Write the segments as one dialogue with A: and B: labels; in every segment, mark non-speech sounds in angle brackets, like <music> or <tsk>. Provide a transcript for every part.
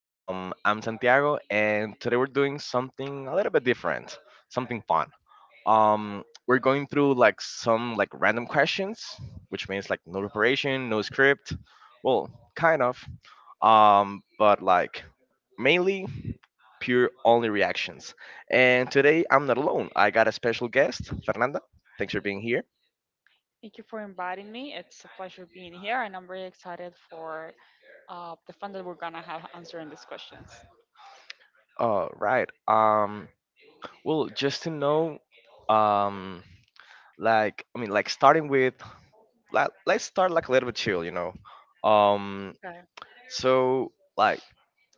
A: I'm Santiago, and today we're doing something a little bit different, something fun. We're going through like some like random questions, which means like no preparation, no script. Well, kind of, but like mainly pure only reactions. And today I'm not alone. I got a special guest, Fernanda. Thanks for being here.
B: Thank you for inviting me. It's a pleasure being here, and I'm very excited for the fun that we're gonna have answering these questions.
A: All right. Well, just to know, um, like I mean, like starting with, like, let's start like a little bit chill, you know. Um,
B: Okay.
A: so like,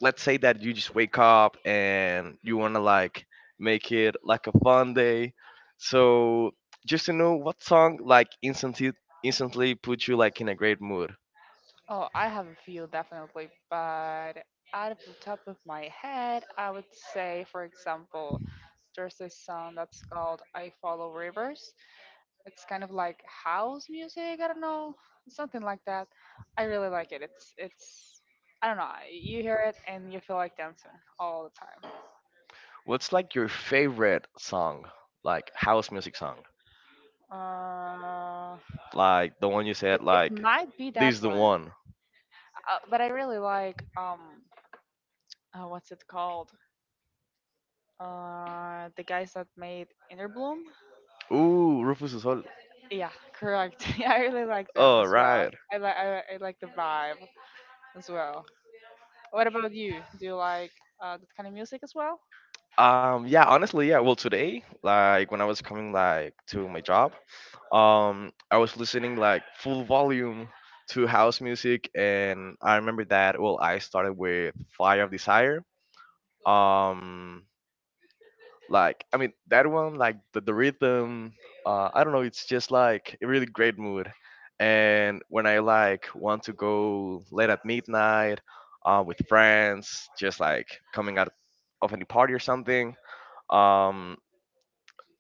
A: let's say that you just wake up and you wanna like make it like a fun day. So just to know what song like instantly instantly put you like in a great mood.
B: Oh, I have a few definitely, but out of the top of my head, I would say, for example, there's this song that's called I Follow Rivers. It's kind of like house music, I don't know, something like that. I really like it. It's I don't know, you hear it and you feel like dancing all the
A: What's like your favorite song, like house music song,
B: time.
A: like the one you said
B: It it
A: like
B: might be
A: this
B: that
A: is the
B: one,
A: one.
B: but I really like what's it called? The guys that made Inner Bloom.
A: Ooh, Rufus du Sol.
B: Yeah, correct. <laughs> Yeah, I really like them
A: Oh,
B: as well.
A: right.
B: I like I like the vibe as well. What about you? Do you like that kind of music as well?
A: Yeah, honestly, yeah. Well, today, like when I was coming like to my job, I was listening like full volume to house music, and I remember that. Well, I started with Fire of Desire. Um, Like, I mean, that one, like the rhythm, I don't know, it's just like a really great mood. And when I like want to go late at midnight with friends, just like coming out of any party or something, um,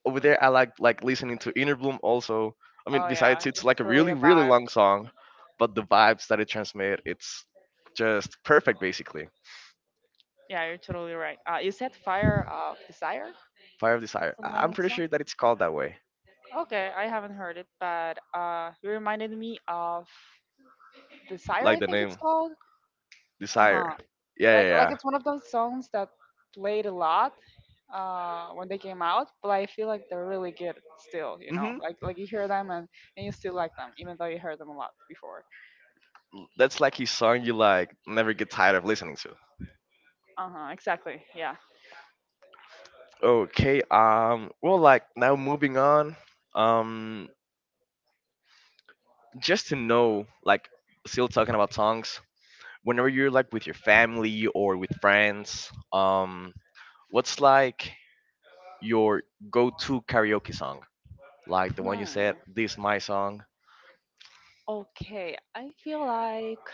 A: over there I like listening to Inner Bloom also. I mean,
B: Oh yeah,
A: besides it's
B: it's
A: like a
B: really
A: really
B: a
A: really
B: vibe.
A: long song, but the vibes that it transmits, it's just perfect basically.
B: Yeah, you're totally right. You said Fire of Desire.
A: Fire of
B: What's
A: Desire.
B: the name
A: I'm
B: of the
A: pretty
B: song?
A: sure that it's called that way.
B: Okay, I haven't heard it, but you reminded me of Desire. I
A: Like the
B: think it's
A: name
B: called. Uh huh.
A: Desire. Yeah,
B: like
A: yeah,
B: like
A: yeah.
B: it's one of those songs that played a lot when they came out, but I feel like they're really good still, you know,
A: Mm-hmm.
B: like you hear them, and you still like them even though you heard them a lot before.
A: That's like his song you like never get tired of listening to.
B: Uh-huh, exactly. Yeah.
A: Okay. Well, like now moving on. Um. Just to know, like, still talking about songs. Whenever you're like with your family or with friends, what's like your go-to karaoke song? Like the one you
B: hmm.
A: said, "This my song."
B: Okay, I feel like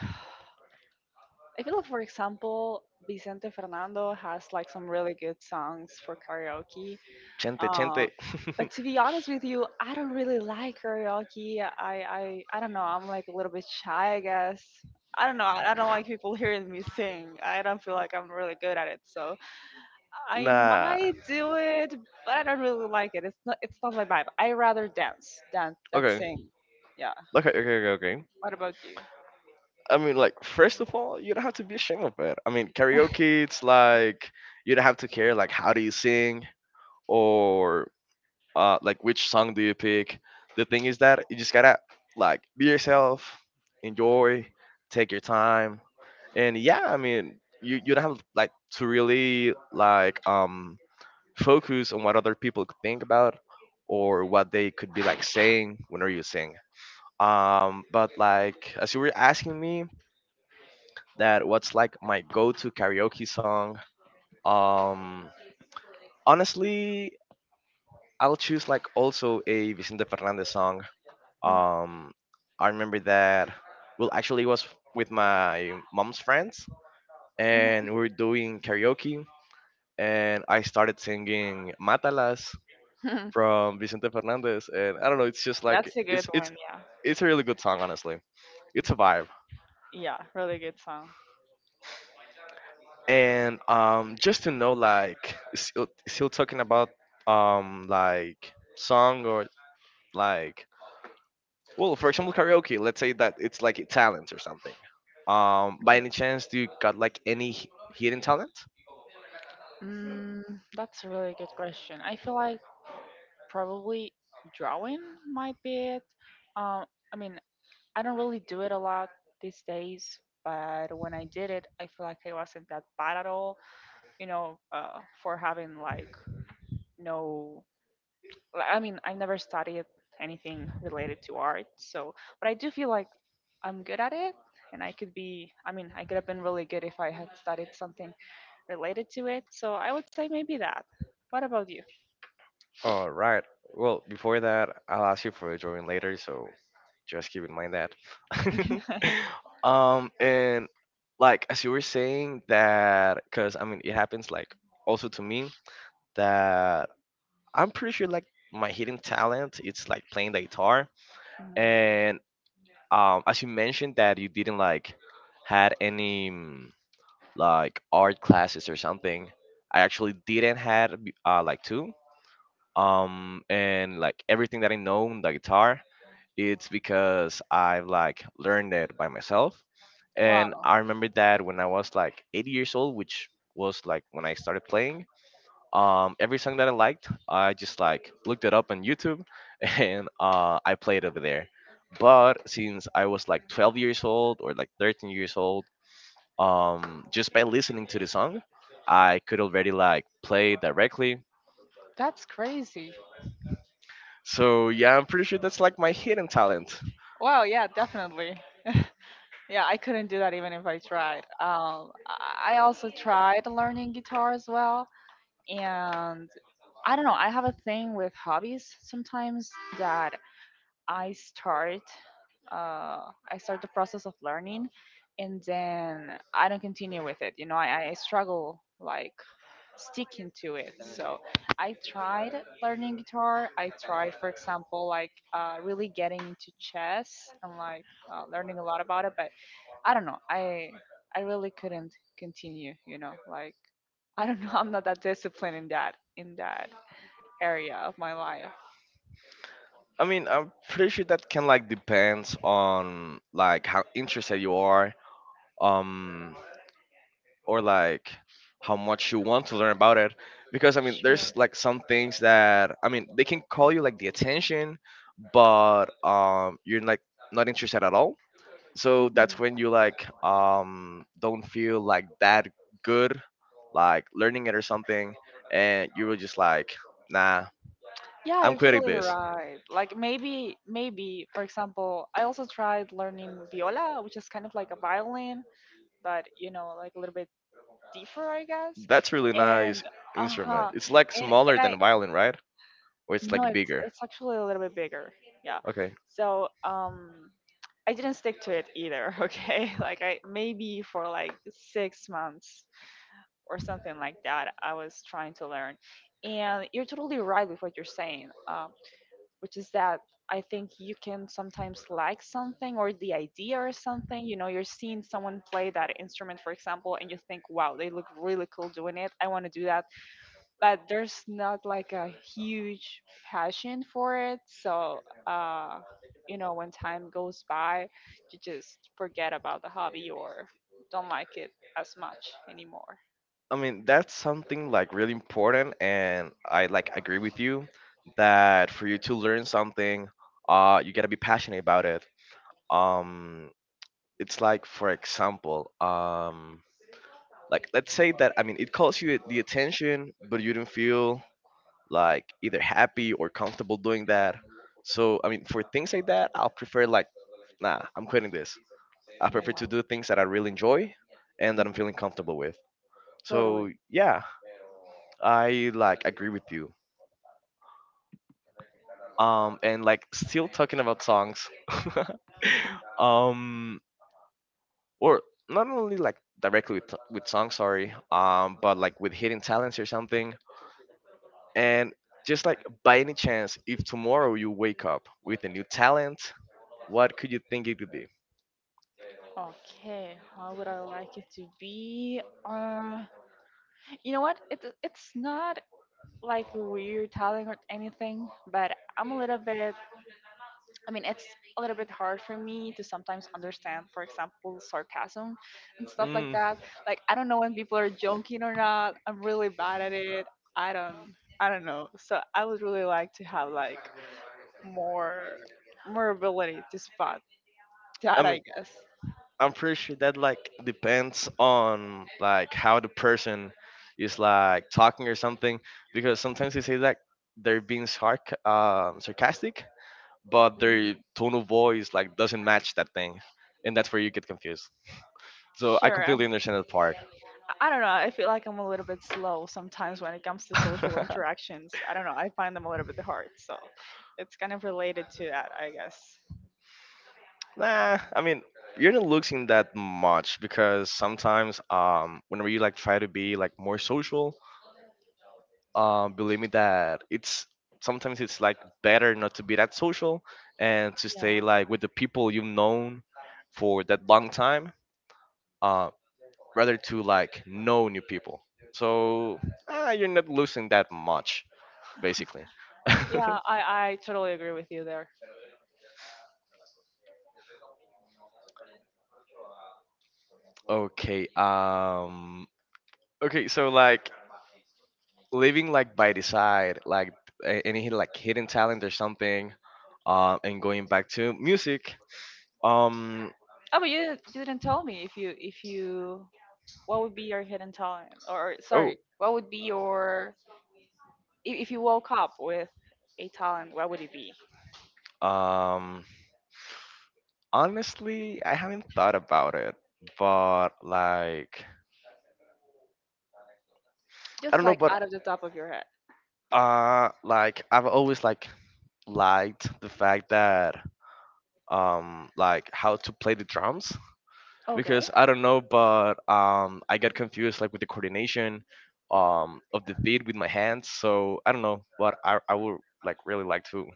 B: for example, Vicente Fernando has like some really good songs for karaoke.
A: Chente, chente.
B: Uh, but to be honest with you, I don't really like karaoke. I don't know. I'm like a little bit shy, I guess. I don't know. I don't like people <laughs> hearing me sing. I don't feel like I'm really good at it. So
A: <laughs>
B: I
A: Nah.
B: might do it, but I don't really like it. It's not. It's not my vibe. I rather dance than
A: Okay.
B: sing. Yeah.
A: Okay. Okay. Okay. Okay.
B: What about you?
A: I mean, like, first of all, you don't have to be ashamed of it. I mean, karaoke, it's like you don't have to care like how do you sing or like which song do you pick. The thing is that you just gotta like be yourself, enjoy, take your time, and yeah, I mean, you don't have like to really like focus on what other people think about or what they could be like saying whenever you sing. But like as you were asking me, that what's like my go-to karaoke song. Um, honestly, I'll choose like also a Vicente Fernandez song. Um, I remember that. Well, actually, it was with my mom's friends, and
B: Mhm.
A: we were doing karaoke, and I started singing Matalas
B: Mhm.
A: from Vicente Fernandez, and I don't know, it's just
B: <laughs>
A: like
B: That's a
A: it's
B: good
A: it's
B: one. Yeah.
A: it's a really good song, honestly. It's a vibe.
B: Yeah. Really good song.
A: And just to know like still talking about like song or like well for example karaoke, let's say that it's like a talent or something, by any chance do you got like any hidden talent?
B: Mm, that's a really good question. I feel like probably drawing might be it. Um, I mean, I don't really do it a lot these days, but when I did it, I feel like I wasn't that bad at all. You know, for having like no, like, I mean, I never studied anything related to art, so but I do feel like I'm good at it. And I could be, I mean, I could have been really good if I had studied something related to it. So I would say maybe that. What about you?
A: All right, well before that I'll ask you for a drawing later, so just keep in mind that.
B: <laughs>
A: <laughs> And like as you were saying that, because I mean it happens like also to me that I'm pretty sure like my hidden talent it's like playing the guitar.
B: Mm,
A: And as you mentioned that you didn't like had any like art classes or something, I actually didn't had like two. And like everything that I know on the guitar, it's because I've like learned it by myself. And
B: wow,
A: I remember that when I was like 8 years old, which was like when I started playing, every song that I liked, I just like looked it up on YouTube. <laughs> And I played over there. But since I was like 12 years old or like 13 years old, just by listening to the song, I could already like play directly.
B: that's crazy.
A: So yeah, I'm pretty sure that's like my hidden talent.
B: Well, yeah, definitely. <laughs> Yeah, I couldn't do that even if I tried. I also tried learning guitar as well, and I don't know. I have a thing with hobbies sometimes that I start, I start the process of learning, and then I don't continue with it. You know, I struggle like sticking to it. So I tried learning guitar. I tried, for example, like really getting into chess and like learning a lot about it. But I don't know. I really couldn't continue. You know, like <laughs> I don't know. <laughs> I'm not that disciplined in that area of my life.
A: I mean, I'm pretty sure that can like depends on like how interested you are. Um, or like how much you want to learn about it, because I mean there's
B: Sure.
A: like some things that I mean they can call you like the attention, but you're like not interested at all, so that's
B: Hmm.
A: when you like don't feel like that good like learning it or something, and you were just like nah,
B: Yeah,
A: I'm
B: you're
A: quitting
B: totally
A: this.
B: right. Like maybe for example, I also tried learning viola, which is kind of like a violin, but you know, like a little bit deeper, I guess.
A: That's really
B: And
A: nice
B: uh
A: instrument,
B: huh.
A: it's like smaller
B: And I
A: than violin, right? Or it's
B: no,
A: like bigger?
B: it's actually a little bit bigger. Yeah.
A: Okay.
B: So I didn't stick to it either. <laughs> Okay, like I maybe for like six months or something like that. I was trying to learn, and you're totally right with what you're saying. Which is that I think you can sometimes like something or the idea or something. You know, you're seeing someone play that instrument, for example, and you think, wow, they look really cool doing it. I want to do that but there's not like a huge passion for it. So, uh, you know, when time goes by, you just forget about the hobby or don't like it as much anymore.
A: I mean, that's something like really important, and I like agree with you that for you to learn something, you gotta be passionate about it. Um, it's like, for example, like let's say that I mean, it calls you the attention, but you don't feel like either happy or comfortable doing that. So I mean, for things like that, I'll prefer like, nah, I'm quitting this. I
B: Yeah,
A: prefer to do things that I really enjoy and that I'm
B: Mhm,
A: feeling comfortable with.
B: totally.
A: So yeah, I like agree with you. And like still talking about songs. <laughs>
B: <laughs>
A: um or not only like directly with songs, sorry, but like with hidden talents or something, and just like by any chance, if tomorrow you wake up with a new talent, what could you think it could be?
B: Okay, how would I like it to be? You know what? It's not like a weird talent or anything, but I'm a little bit I mean, it's a little bit hard for me to sometimes understand, for example, sarcasm and stuff like
A: mm,
B: that. Like, I don't know when people are joking or not. I'm really bad at it. I don't, I don't know. So I would really like to have like more, more ability to spot
A: I
B: that, I
A: mean,
B: guess.
A: I'm pretty sure that like depends on like how the person is like talking or something, because sometimes they say like they're being sarcastic, but their
B: Mhm.
A: tone of voice like doesn't match that thing, and that's where you get confused. So I
B: Sure.
A: completely understand that part.
B: I don't know. I feel like I'm a little bit slow sometimes when it comes to social interactions. I don't know. I find them a little bit hard. So it's kind of related to that, I guess.
A: <laughs> Nah, I mean you're not losing that much, because sometimes whenever you like try to be like more social, believe me that it's sometimes it's like better not to be that social and to stay
B: Yeah.
A: like with the people you've known for that long time, uh rather to like know new people. So ah, you're not losing that much basically.
B: Yeah, I totally agree with you there.
A: <laughs> Okay. Okay. So like living like by the side, like any like hidden talent or something, and going back to music. Um.
B: Oh, but you didn't tell me if you what would be your hidden talent or
A: Oh.
B: sorry, what would be your if you woke up with a talent, what would it be?
A: Um. Honestly, I haven't thought about it, but like I
B: Just
A: don't know,
B: like
A: but
B: out of the top of your head.
A: like I've always like liked the fact that like how to play the drums,
B: Okay.
A: because I don't know, but I got confused like with the coordination of the feet with my hands. So I don't know, but I would like really like to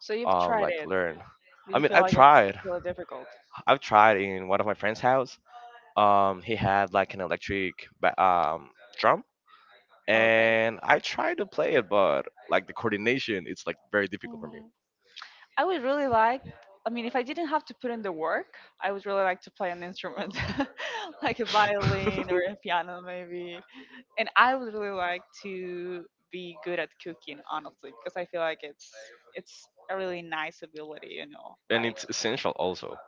B: So you've tried
A: like
B: it.
A: learn.
B: Do
A: I
B: you
A: mean,
B: feel
A: I've
B: like it's
A: tried.
B: really difficult?
A: I've tried in one of my friend's house. He had like an electric drum,
B: Okay.
A: and I tried to play it, but like the coordination, it's like very difficult for me.
B: Mhm. I would really like, I mean, if I didn't have to put in the work, I would really like to play an instrument, <laughs> like a violin or a piano, maybe. And I would really like to be good at cooking, honestly, because I feel like it's a really nice ability, you know.
A: <laughs> And
B: Like,
A: it's essential also,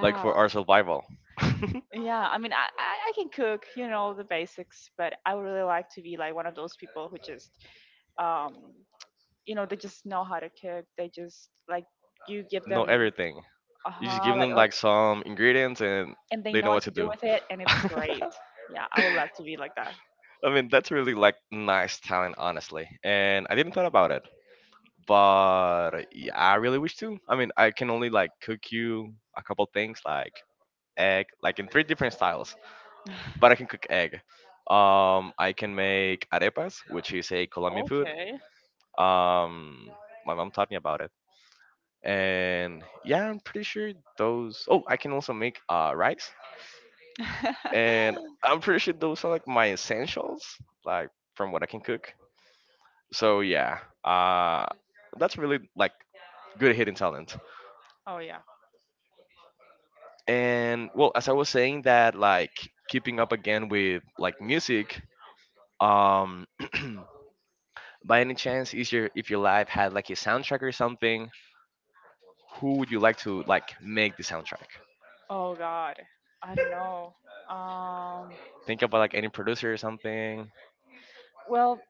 A: like for our survival.
B: yeah. I mean, I can cook, you know, the basics, but I would really like to be like one of those people who just, um, you know, they just know how to cook. They just like you give
A: <laughs> Know
B: them
A: everything.
B: uh
A: You just
B: huh,
A: give
B: like
A: them like some ingredients and
B: and they
A: they
B: know
A: know
B: what
A: what to
B: to do
A: do.
B: with it, and
A: <laughs>
B: it's great.
A: I
B: Yeah, I would love to be like that.
A: mean, that's really like nice talent, honestly. And I didn't thought about it, but yeah, I really wish to. I mean, I can only like cook you a couple things like egg, like in 3 different styles,
B: <sighs>
A: but I can cook egg. I can make arepas, which is a Colombian food.
B: Okay.
A: Um, my mom taught me about it. And yeah, I'm pretty sure those. Oh, I can also make rice,
B: <laughs>
A: and I'm pretty sure those are like my essentials, like from what I can cook. So yeah, uh, that's really like good hidden talent.
B: Oh yeah.
A: And well, as I was saying that, like keeping up again with like music, um, <clears throat> by any chance, is your if your life had like a soundtrack or something, who would you like to like make the soundtrack?
B: Oh god. I don't know. Um.
A: Think about like any producer or something.
B: Well.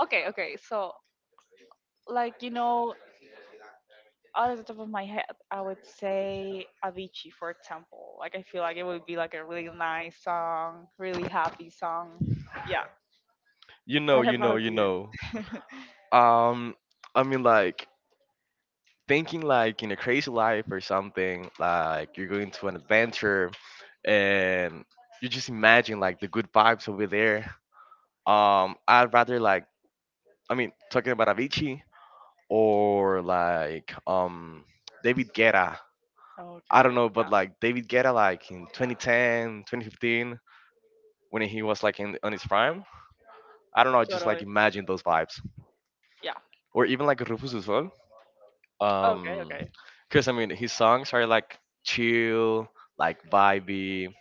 B: Okay. Okay. So, like you know, out of the top of my head, I would say Avicii, for example. Like I feel like it would be like a really nice song, really happy song. Yeah.
A: You
B: <laughs>
A: know,
B: What
A: you know,
B: about
A: you
B: you?
A: know. Um, I mean like thinking like in a crazy life or something, like you're going to an adventure, and you just imagine like the good vibes over there. I'd rather like, I mean, talking about Avicii or like David Guetta. I don't
B: Okay.
A: know, but
B: Yeah.
A: like David Guetta, like in 2010, 2015, when he was like in on his prime. I don't know, just like
B: Totally.
A: imagine those vibes.
B: Yeah.
A: Or even like Rufus Du Sol. um
B: Okay.
A: because I mean his songs are like chill, like vibey,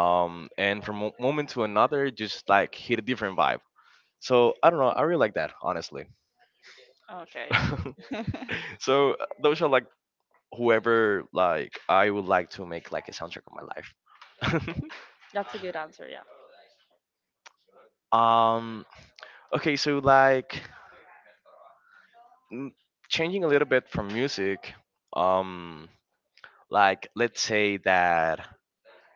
A: and from one moment to another just like hit a different vibe. So I don't know, I really like that, honestly.
B: Okay. Okay. <laughs>
A: <laughs> So those are like whoever like I would like to make like a soundtrack of my life.
B: That's a good answer, yeah.
A: <laughs> um okay, so like n- changing a little bit from music, um like let's say that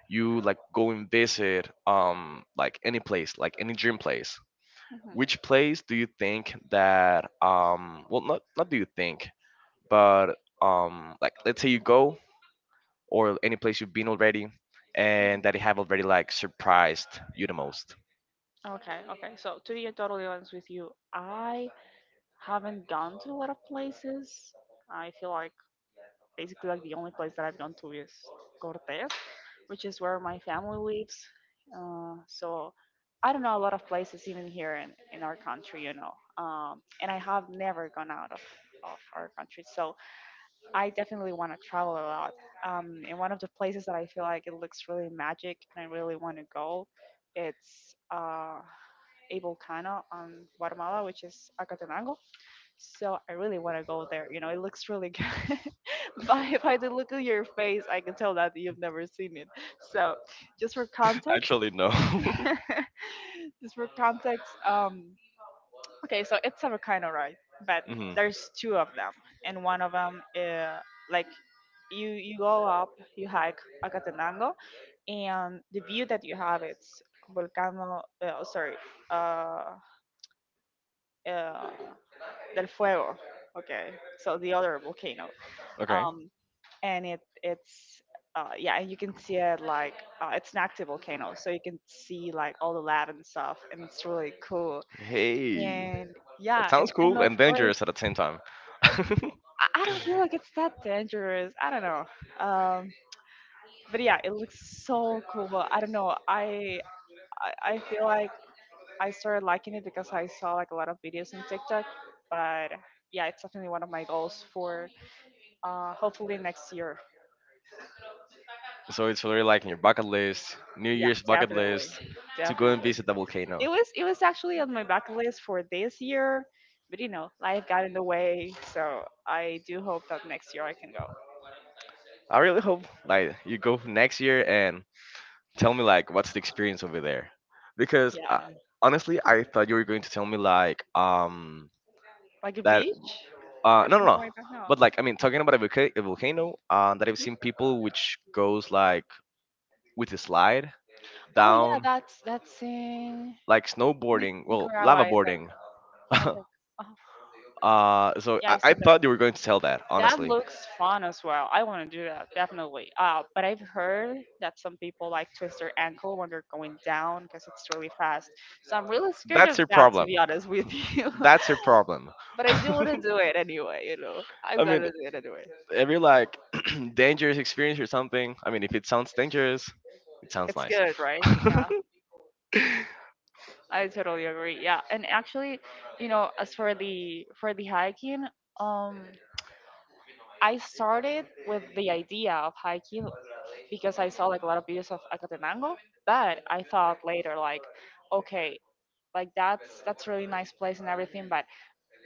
A: you like go and visit like any place, like any dream place.
B: Mhm.
A: Which place do you think that well not do you think, but like let's say you go, or any place you've been already, and
B: Mhm.
A: that they have already like surprised you the most?
B: Okay, okay. So to be totally honest with you, I haven't gone to a lot of places. I feel like basically like the only place that I've gone to is Cortes, which is where my family lives. So I don't know a lot of places even here in our country, you know. And I have never gone out of our country. So I definitely want to travel a lot. And one of the places that I feel like it looks really magic and I really want to go, it's a volcano on Guatemala, which is Acatenango. So I really want to go there. You know, it looks really good. <laughs> By the look of your face, I can tell that you've never seen it. So just for
A: <laughs>
B: context,
A: Actually no.
B: <laughs>
A: <laughs>
B: just for context, okay, so it's a volcano, right? But
A: Hmm.
B: there's two of them, and one of them, like you go up, you hike Acatenango, and the view that you have it's Volcano. Sorry, uh, uh, Del Fuego. Okay, so the other volcano.
A: Okay.
B: Um, and it it's yeah, and you can see it like it's an active volcano, so you can see like all the lava and stuff, and it's really cool.
A: Hey.
B: And
A: That
B: yeah,
A: sounds
B: and
A: cool
B: of
A: and
B: course,
A: dangerous at the same time. <laughs>
B: I don't feel like it's that dangerous. I don't know. Um, but yeah, it looks so cool. I don't know. I feel like I started liking it because I saw like a lot of videos on TikTok. But yeah, it's definitely one of my goals for hopefully next year.
A: So it's really like in your bucket list, New
B: Yeah,
A: Year's bucket list, to go and
B: definitely.
A: visit the volcano.
B: It was actually on my bucket list for this year, but you know, life got in the way. So I do hope that next year I can go.
A: I really hope like you go next year and tell me like what's the experience over there, because
B: Yeah,
A: honestly I thought you were going to tell me like
B: like a
A: that
B: beach or
A: no, no,
B: something
A: no.
B: like that. No.
A: But like I mean talking about a volcano that I've seen people which goes like with a slide
B: Oh yeah,
A: down,
B: that's in
A: like snowboarding, well,
B: Nicaragua,
A: lava
B: I think.
A: boarding.
B: I
A: <laughs>
B: think. Uh huh. Yeah, I've
A: I
B: seen that.
A: thought you were going to tell that,
B: That
A: honestly.
B: looks fun as well. I want to do that definitely. But I've heard that some people like twist their ankle when they're going down because it's really fast. So I'm really scared
A: That's
B: of
A: your
B: that, to
A: problem.
B: be honest with you.
A: That's
B: <laughs>
A: your problem.
B: But
A: <laughs>
B: I do want to
A: I
B: do it anyway. You know, I've got
A: mean
B: to do it anyway.
A: every like <clears throat> dangerous experience or something. I mean, if it sounds dangerous, it sounds
B: It's
A: nice.
B: good, right? Yeah.
A: <laughs>
B: I totally agree. Yeah, and actually, you know, as for the hiking, um, I started with the idea of hiking because I saw like a lot of videos of Acatenango, but I thought later like, okay, like that's a really nice place and everything, but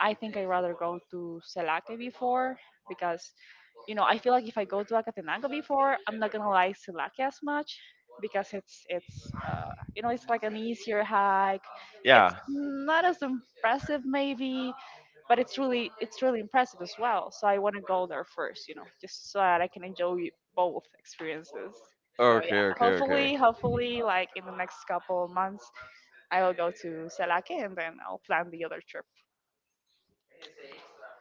B: I think I'd rather go to Selake before because you know I feel like if I go to Acatenango before, I'm not gonna like Selake as much because it's you know it's like an easier hike. It's
A: Yeah.
B: not as impressive maybe, but it's really impressive as well. So I want to go there first, you know, just so that I can enjoy both experiences. So yeah,
A: Okay. Okay. Okay.
B: hopefully, like in the next couple of months, I will go to Selake and then I'll plan the other trip.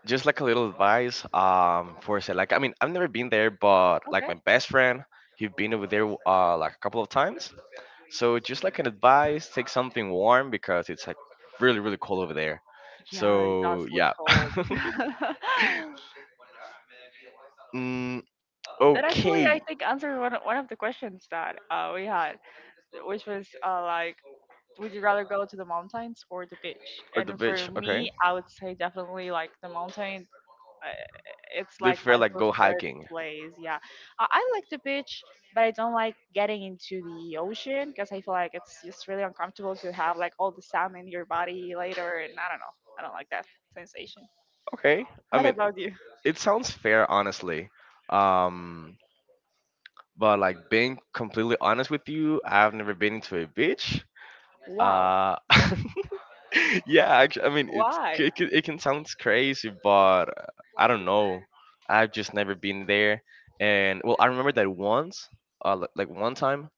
A: Just like a little advice, for say like I mean I've never been there, but like
B: Okay.
A: my best friend, he's been over there like a couple of times. So just like an advice, take something warm because it's like really really cold over there.
B: Yeah, it does
A: So
B: look
A: yeah. <laughs>
B: cold. <laughs>
A: Mm,
B: That actually,
A: okay.
B: I think, answered one of the questions that we had, which was like, would you rather go to the mountains or the beach?
A: Or the
B: And for
A: beach. Okay,
B: me, I would say definitely like the mountain. uh, It's
A: they
B: like
A: feel
B: my
A: like go
B: preferred
A: hiking.
B: place. Yeah, I like the beach, but I don't like getting into the ocean because I feel like it's just really uncomfortable to have like all the sand in your body later, and I don't know. I don't like that sensation.
A: Okay, I
B: What
A: mean
B: about you?
A: it sounds fair, honestly. Um, but like being completely honest with you, I've never been to a beach.
B: Wow.
A: Uh, <laughs> yeah, actually, I mean it's
B: Why?
A: it can, it can sound crazy, but I don't know. I've just never been there, and well, I remember that once, like one time,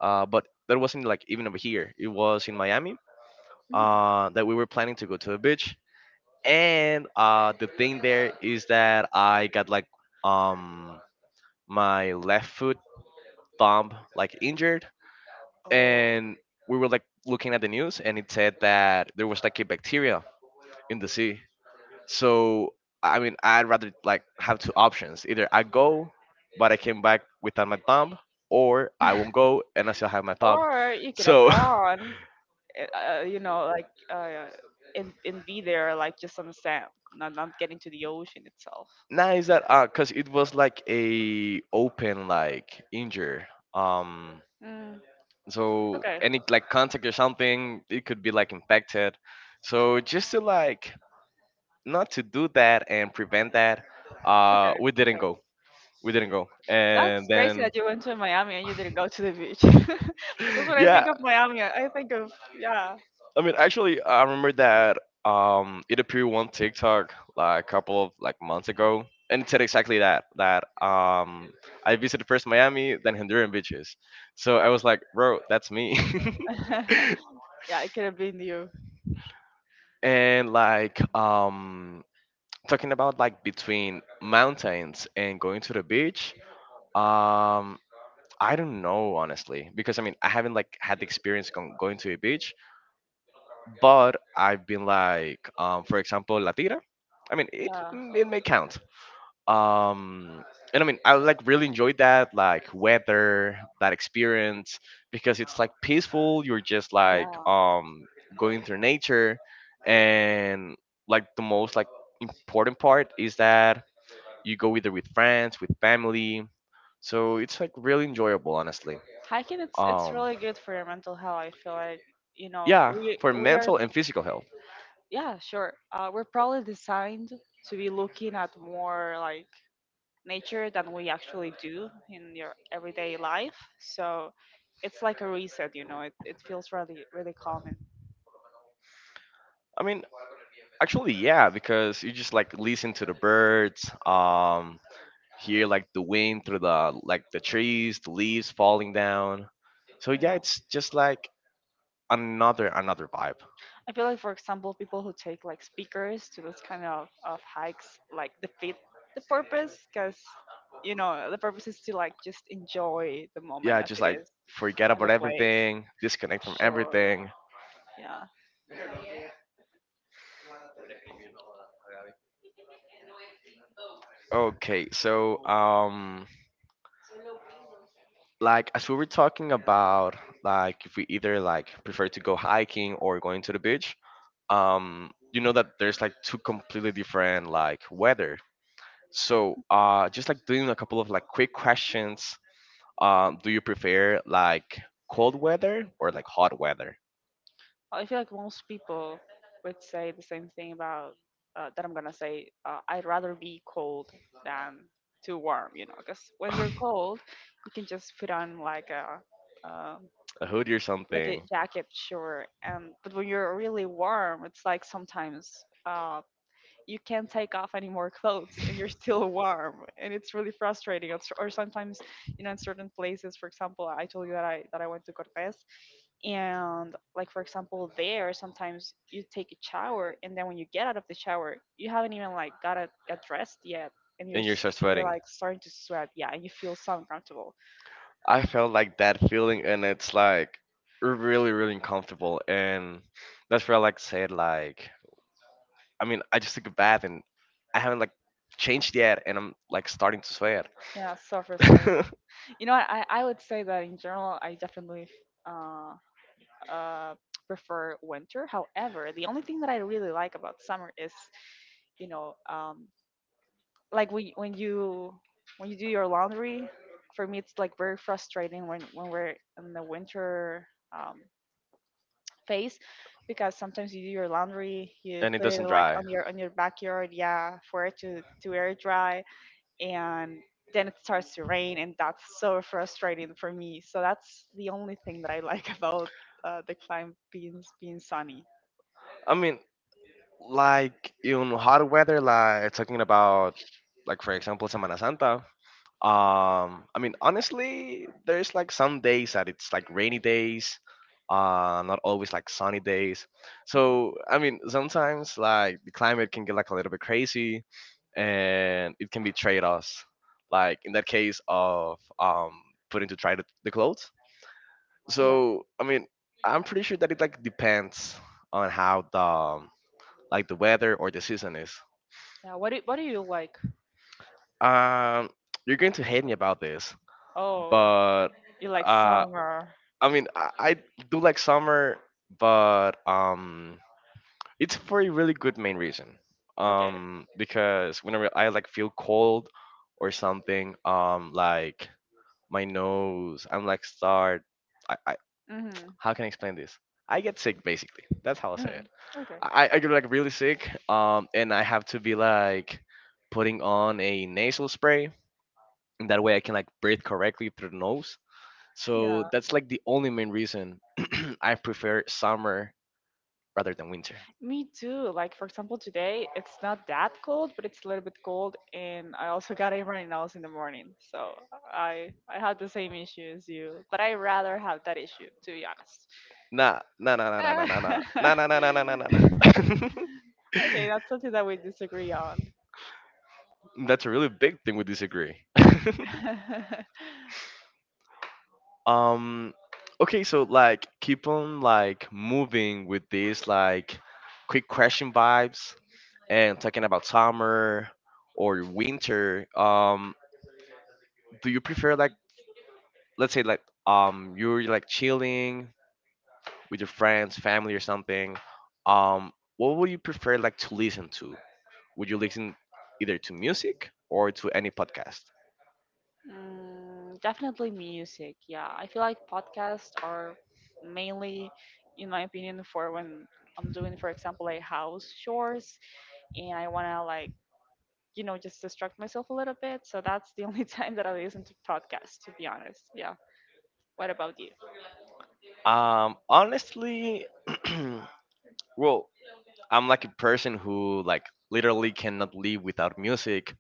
A: but that wasn't like even over here. It was in Miami. That we were planning to go to a beach. And the thing there is that I got like um my left foot thumb like injured,
B: Oh,
A: and we were like looking at the news, and it said that there was like a bacteria in the sea. So I mean, I'd rather like have two options: either I go, but I came back without my thumb, or I won't go and I still have my thumb.
B: or you could have
A: So
B: gone, you know, like and be there like just on the sand, not getting to the ocean itself.
A: <laughs> nice that cause it was like a open like injury. Um,
B: Mm,
A: so
B: okay,
A: any like contact or something, it could be like infected, so just to like not to do that and prevent that, uh
B: okay,
A: we didn't
B: okay.
A: go we didn't go and
B: That's crazy
A: then
B: that you went to Miami and you didn't go to the beach. <laughs> Because
A: <laughs>
B: when I
A: yeah,
B: think of Miami, I think of yeah.
A: I mean actually I remember that it appeared one TikTok like a couple of like months ago, and it said exactly that I visited first Miami, then Honduran beaches. So I was like, bro, that's me.
B: <laughs>
A: <laughs>
B: Yeah, it could have been you.
A: And like talking about like between mountains and going to the beach, um I don't know honestly, because I mean I haven't like had the experience going to a beach. But I've been like for example La Tira, I mean it
B: Yeah,
A: it may count. um and I mean I like really enjoyed that like weather, that experience, because it's like peaceful. You're just like
B: yeah.
A: going through nature, and like the most like important part is that you go either with friends, with family. So it's like really enjoyable, honestly.
B: Hiking, it's
A: Um,
B: really good for your mental health, I feel like, you know,
A: yeah,
B: we
A: for
B: we are.
A: mental and physical health.
B: Yeah, sure, we're probably designed to be looking at more like nature than we actually do in your everyday life, so it's like a reset, you know, it feels really calming.
A: I mean, actually, yeah, because you just like listen to the birds, hear like the wind through the like the trees, the leaves falling down. So yeah,
B: Yeah,
A: it's just like another vibe.
B: I feel like, for example, people who take like speakers to those kind of hikes like defeat the purpose because you know the purpose is to like just enjoy the moment
A: Yeah,
B: as
A: just
B: it
A: like
B: is
A: forget
B: in
A: about
B: the place.
A: everything, disconnect from
B: Sure.
A: everything.
B: Yeah.
A: Okay, so like as we were talking about, like if we either like prefer to go hiking or going to the beach, you know that there's like two completely different like weather. So just like doing a couple of like quick questions, do you prefer like cold weather or like hot weather?
B: Well, I feel like most people would say the same thing about that I'm gonna say. I'd rather be cold than too warm. You know, because
A: <laughs>
B: when you're
A: A
B: cold, you can just put on uh,
A: hoodie or
B: like a
A: something.
B: jacket, sure. And but when you're really warm, it's like sometimes. Um, you can't take off any more clothes and you're still warm and it's really frustrating. Or sometimes you know in certain places, for example, I told you that I went to Cortes, and like, for example, there sometimes you take a shower and then when you get out of the shower you haven't even like got dressed yet, and
A: And you're start
B: you're
A: sweating.
B: like starting to sweat, yeah, and you feel so uncomfortable.
A: I felt like that feeling, and it's like really really uncomfortable, and that's where I like said like, I mean, I just took a bath and I haven't like changed yet, and I'm like starting to sweat.
B: Yeah, so frustrating.
A: <laughs>
B: You know what, I would say that in general I definitely uh uh, prefer winter. However, the only thing that I really like about summer is, you know, like when you do your laundry. For me, it's like very frustrating when we're in the winter um, phase, because sometimes you do your laundry, you
A: And it
B: put it
A: doesn't
B: like
A: dry.
B: on your backyard, yeah, for it to air dry, and then it starts to rain, and that's so frustrating for me. So that's the only thing that I like <laughs> about the climate being sunny.
A: I mean, like in hot weather, like talking about, like for example, Semana Santa. I mean, honestly, there's like some days that it's like rainy days, not always like sunny days.
B: Mhm.
A: So, I mean, sometimes like the climate can get like a little bit crazy, and it can be trade-offs, like in that case of putting to try the clothes.
B: Yeah,
A: So, I mean, I'm pretty sure that it like depends on how the like the weather or the season is.
B: yeah. What do you like?
A: Um, you're going to hate me about this,
B: Oh,
A: but
B: you like
A: uh,
B: summer.
A: I mean, I do like summer, but it's for a really good main reason.
B: Okay.
A: Because whenever I like feel cold or something, like my nose, I'm like start. I
B: Mhm.
A: How can I explain this? I get sick basically. That's how I say
B: Mhm.
A: it.
B: Okay.
A: I get like really sick. And I have to be like putting on a nasal spray. And that way I can like breathe correctly through the nose, so
B: Yeah,
A: that's like the only main reason <clears throat> I prefer summer rather than winter.
B: me too. Like for example, today it's not that cold, but it's a little bit cold, and I also <laughs> got a runny nose in the morning. So I had the same issue as you, but I rather have that issue, to be honest.
A: Nah, nah, nah, nah, nah, nah, nah, nah, nah, nah, nah,
B: <laughs>
A: nah, nah, nah, nah.
B: Okay, that's something that we disagree on.
A: <laughs> That's a really big thing we disagree. <laughs>
B: <laughs>
A: Um, okay, so like keep on like moving with these like quick question vibes, and talking about summer or winter. Do you prefer like let's say like you're like chilling with your friends, family, or something, um, what would you prefer like to listen to? Would you listen either to music or to any podcast?
B: Mm, definitely music. Yeah, I feel like podcasts are mainly, in my opinion, for when I'm doing, for example, like house chores, and I want to like, you know, just distract myself a little bit. So that's the only <laughs> time that I listen to podcasts, to be honest. Yeah. What about you?
A: Honestly, <clears throat> well, I'm like a person who like literally cannot live without music.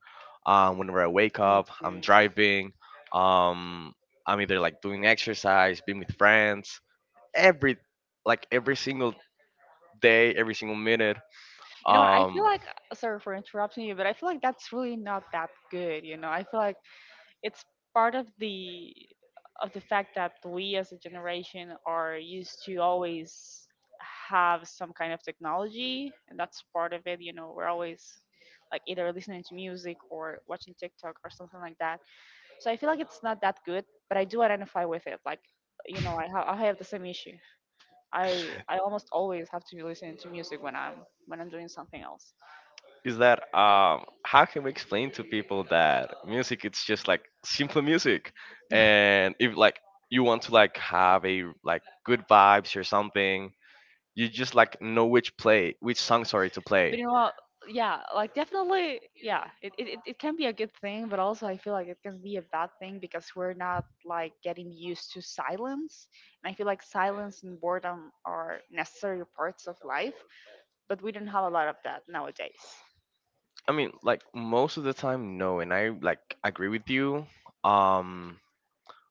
A: Whenever I wake
B: Me
A: up, I'm
B: too.
A: driving. Um, I'm either like doing exercise, being with friends, every like every single day, every single minute.
B: You know what? I feel
A: Um,
B: like, sorry for interrupting you, but I feel like that's really not that good. You know, I feel like it's part of the fact that we as a generation are used to always have some kind of technology, and that's part of it, you know, we're always like either listening to music or watching TikTok or something like that, so I feel like it's not that good, but I do identify with it, like, you know, I have the same issue. I almost always have to be listening to music when I'm doing something else.
A: is that how can we explain to people that music, it's just like simple music, and if like you want to like have a like good vibes or something, you just like know which play which song, sorry, to
B: But
A: play.
B: you know what? Yeah, like definitely, yeah, it can be a good thing, but also I feel like it can be a bad thing because we're not like getting used to silence. And I feel like silence and boredom are necessary parts of life, but we don't have a lot of that nowadays.
A: I mean like most of the time no, and I like agree with you. um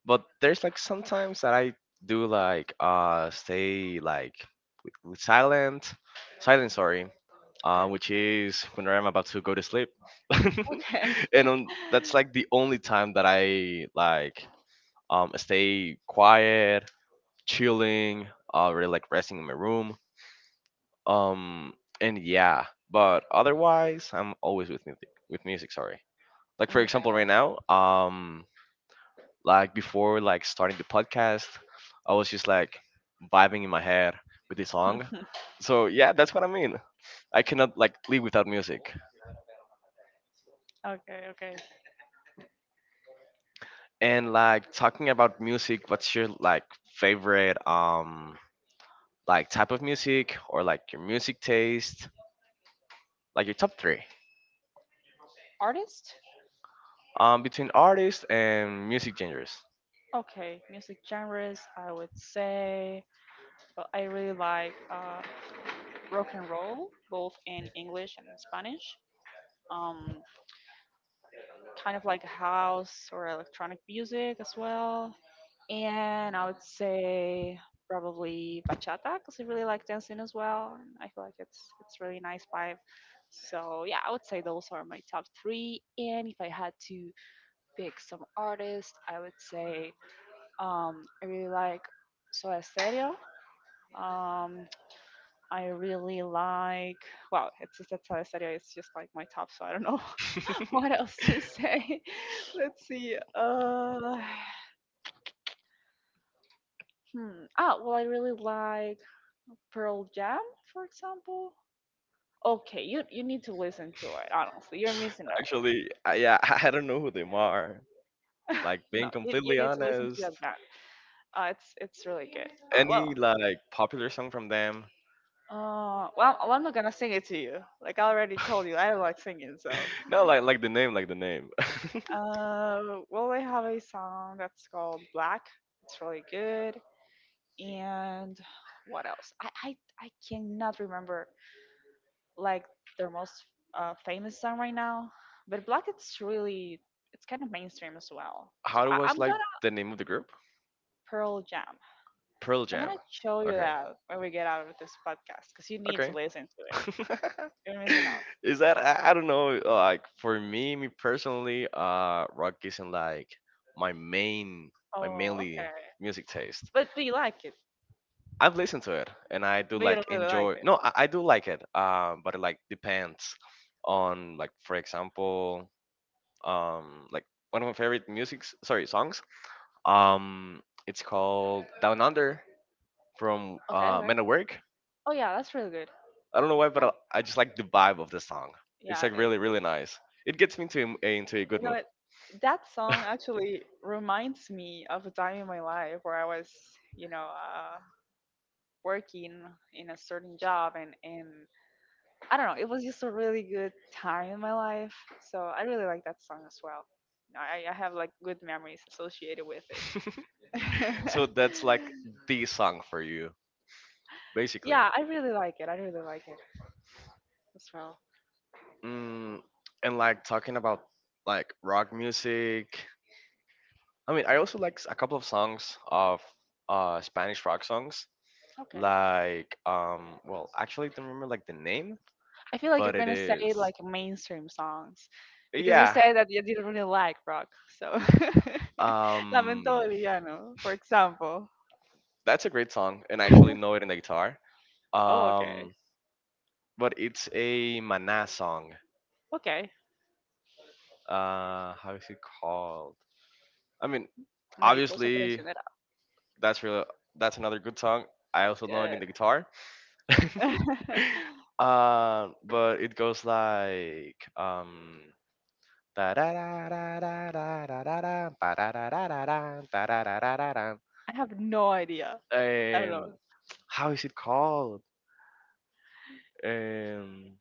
A: But there's like sometimes that I do like stay like with silent, silent sorry,
B: Okay.
A: which is when I'm about to go to sleep.
B: Okay.
A: <laughs> and
B: <laughs>
A: um, that's like the only time that I like stay quiet, chilling, really like resting in my room, um and yeah, but otherwise I'm always with music sorry. Like for example right
B: Okay.
A: now, like before, like starting the podcast, I was just like vibing in my head with the song.
B: <laughs>
A: So yeah, that's what I mean. I cannot like live without music.
B: Okay, okay.
A: And like talking about music, what's your like favorite like type of music, or like your music taste, like your top three
B: Artist?
A: between artists and music genres?
B: Okay, music genres, I would say. Well, I really like rock and roll, both in English and in Spanish. Um, Kind of like house or electronic music as well. And I would say probably bachata because I really like dancing as well. And I feel like it's really nice vibe. So yeah, I would say those are my top three. And if I had to pick some artists, I would say I really like Soda Stereo. Um, I really like. Well, it's just that's how I said it. It's just like my top, so I don't know <laughs> what
A: <laughs>
B: else to say. <laughs> Let's see. Hmm. Well, I really like Pearl Jam, for example. Okay, you need to listen to it. Honestly, you're missing out.
A: Actually, yeah, <laughs> I don't know who them are. Like
B: <laughs>
A: being
B: No,
A: completely
B: you need to listen to
A: honest,
B: that band. It's really good.
A: any like popular song from them?
B: Well, I'm not gonna sing it to you. Like I already told you, I
A: <laughs>
B: don't like singing, so
A: No, like the name, like the name. <laughs>
B: Uh, I have a song that's called Black. It's really good. And what else? I cannot remember like their most famous song right now. But Black, it's really it's kind of mainstream as well. So
A: How
B: I, I'm
A: was like
B: gonna
A: the name of the group?
B: Pearl Jam.
A: Pearl
B: I'm
A: Jam.
B: gonna show you
A: Okay.
B: that when we get out of this podcast because you need to
A: Okay.
B: listen to it.
A: <laughs>
B: You're missing out.
A: Is that I don't know. Like for me, me personally, rock isn't like my main, my
B: Oh,
A: mainly
B: okay.
A: music taste.
B: But do you like it?
A: I've listened to it and I do
B: But you
A: like
B: don't really like
A: enjoy.
B: it.
A: No, I do like it. But it like depends on, like for example like one of my favorite music sorry songs, um it's called "Down Under" from
B: Okay, okay.
A: Men at Work.
B: Oh yeah, that's really good.
A: I don't know why, but
B: Yeah,
A: I just like the vibe of the song. It's
B: yeah.
A: like really really nice. It gets me into a good
B: You know
A: mood.
B: what? That song
A: <laughs>
B: actually reminds me of a time in my life where I was, you know, working in a certain job, and I don't know, it was just a really good time in my life. So I really like that song as well. I have like good memories associated with it.
A: So that's like
B: <laughs>
A: the song for you basically.
B: Yeah, I really like it. I really like it as well.
A: Mm, and like talking about like rock music, I mean I also like a couple of songs of Spanish rock songs.
B: Okay.
A: Like well actually don't remember like the name,
B: I feel like
A: but
B: you're
A: it
B: gonna
A: is,
B: say like mainstream songs because you
A: yeah.
B: said that you didn't really like rock. So, <laughs> Lamento
A: Um,
B: Boliviano, for example.
A: that's a great song, and I actually know it in the guitar.
B: Oh, okay.
A: Um, but it's a Mana song.
B: Okay.
A: How is it called? I mean,
B: Mariposa
A: obviously
B: Traicionera.
A: that's really that's another good song. I
B: That's
A: also know it in
B: good.
A: the guitar.
B: <laughs>
A: <laughs> But it goes like da da da da da da da da da ba da da da da da da da da da da
B: I have no idea.
A: da.
B: I don't know.
A: How is it called? Um,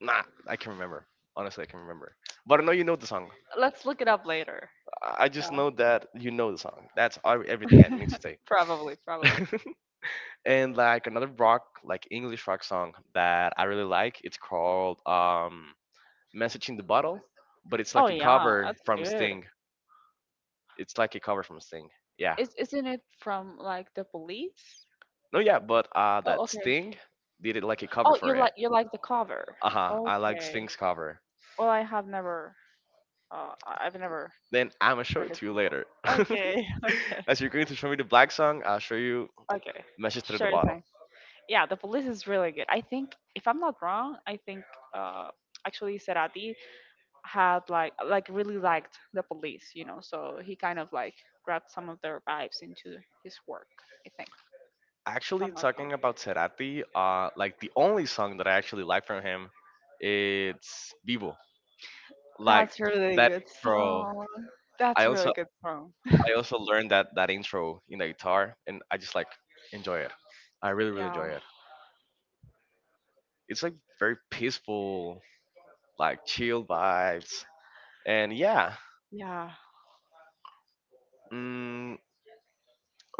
A: Nah, I can remember. Honestly, I can remember. But I know you know the song.
B: Let's look it up later.
A: I just
B: Yeah.
A: know that you know the song. That's all, everything I need to say.
B: Probably.
A: And like another rock, like English rock song that I really like. It's called "Message in the Bottle," but it's
B: Oh,
A: like a
B: yeah.
A: cover
B: That's
A: from
B: good.
A: Sting. It's like a cover from Sting. Yeah.
B: Is, isn't it from like the police?
A: No, yeah, but
B: Oh,
A: that
B: okay.
A: Sting did it like a cover
B: Oh,
A: for it.
B: you like the cover.
A: Uh huh. I like
B: Okay.
A: Sting's cover.
B: Well, I have never I've never
A: Then I'ma show
B: heard
A: it
B: this
A: to you
B: before.
A: later.
B: Okay, <laughs> okay,
A: <laughs> As you're going to show me the black song, I'll show you
B: okay.
A: "Message Through the
B: Sure
A: Bottle."
B: thing. Yeah, the police is really good. I think, if I'm not wrong, I think uh, actually Serati had like really liked the police, you know. So he kind of like grabbed some of their vibes into his work. I think, if
A: Actually,
B: I'm not wrong.
A: talking about Cerati, like the only song that I actually like from him, it's Vivo. Like
B: That's a really
A: that
B: good
A: intro,
B: song.
A: I
B: That's a
A: also
B: really good song.
A: I also learned that that intro in the guitar, and I just like enjoy it. I really really enjoy
B: Yeah,
A: it. It's like very peaceful, like chill vibes, and yeah.
B: yeah,
A: Mm,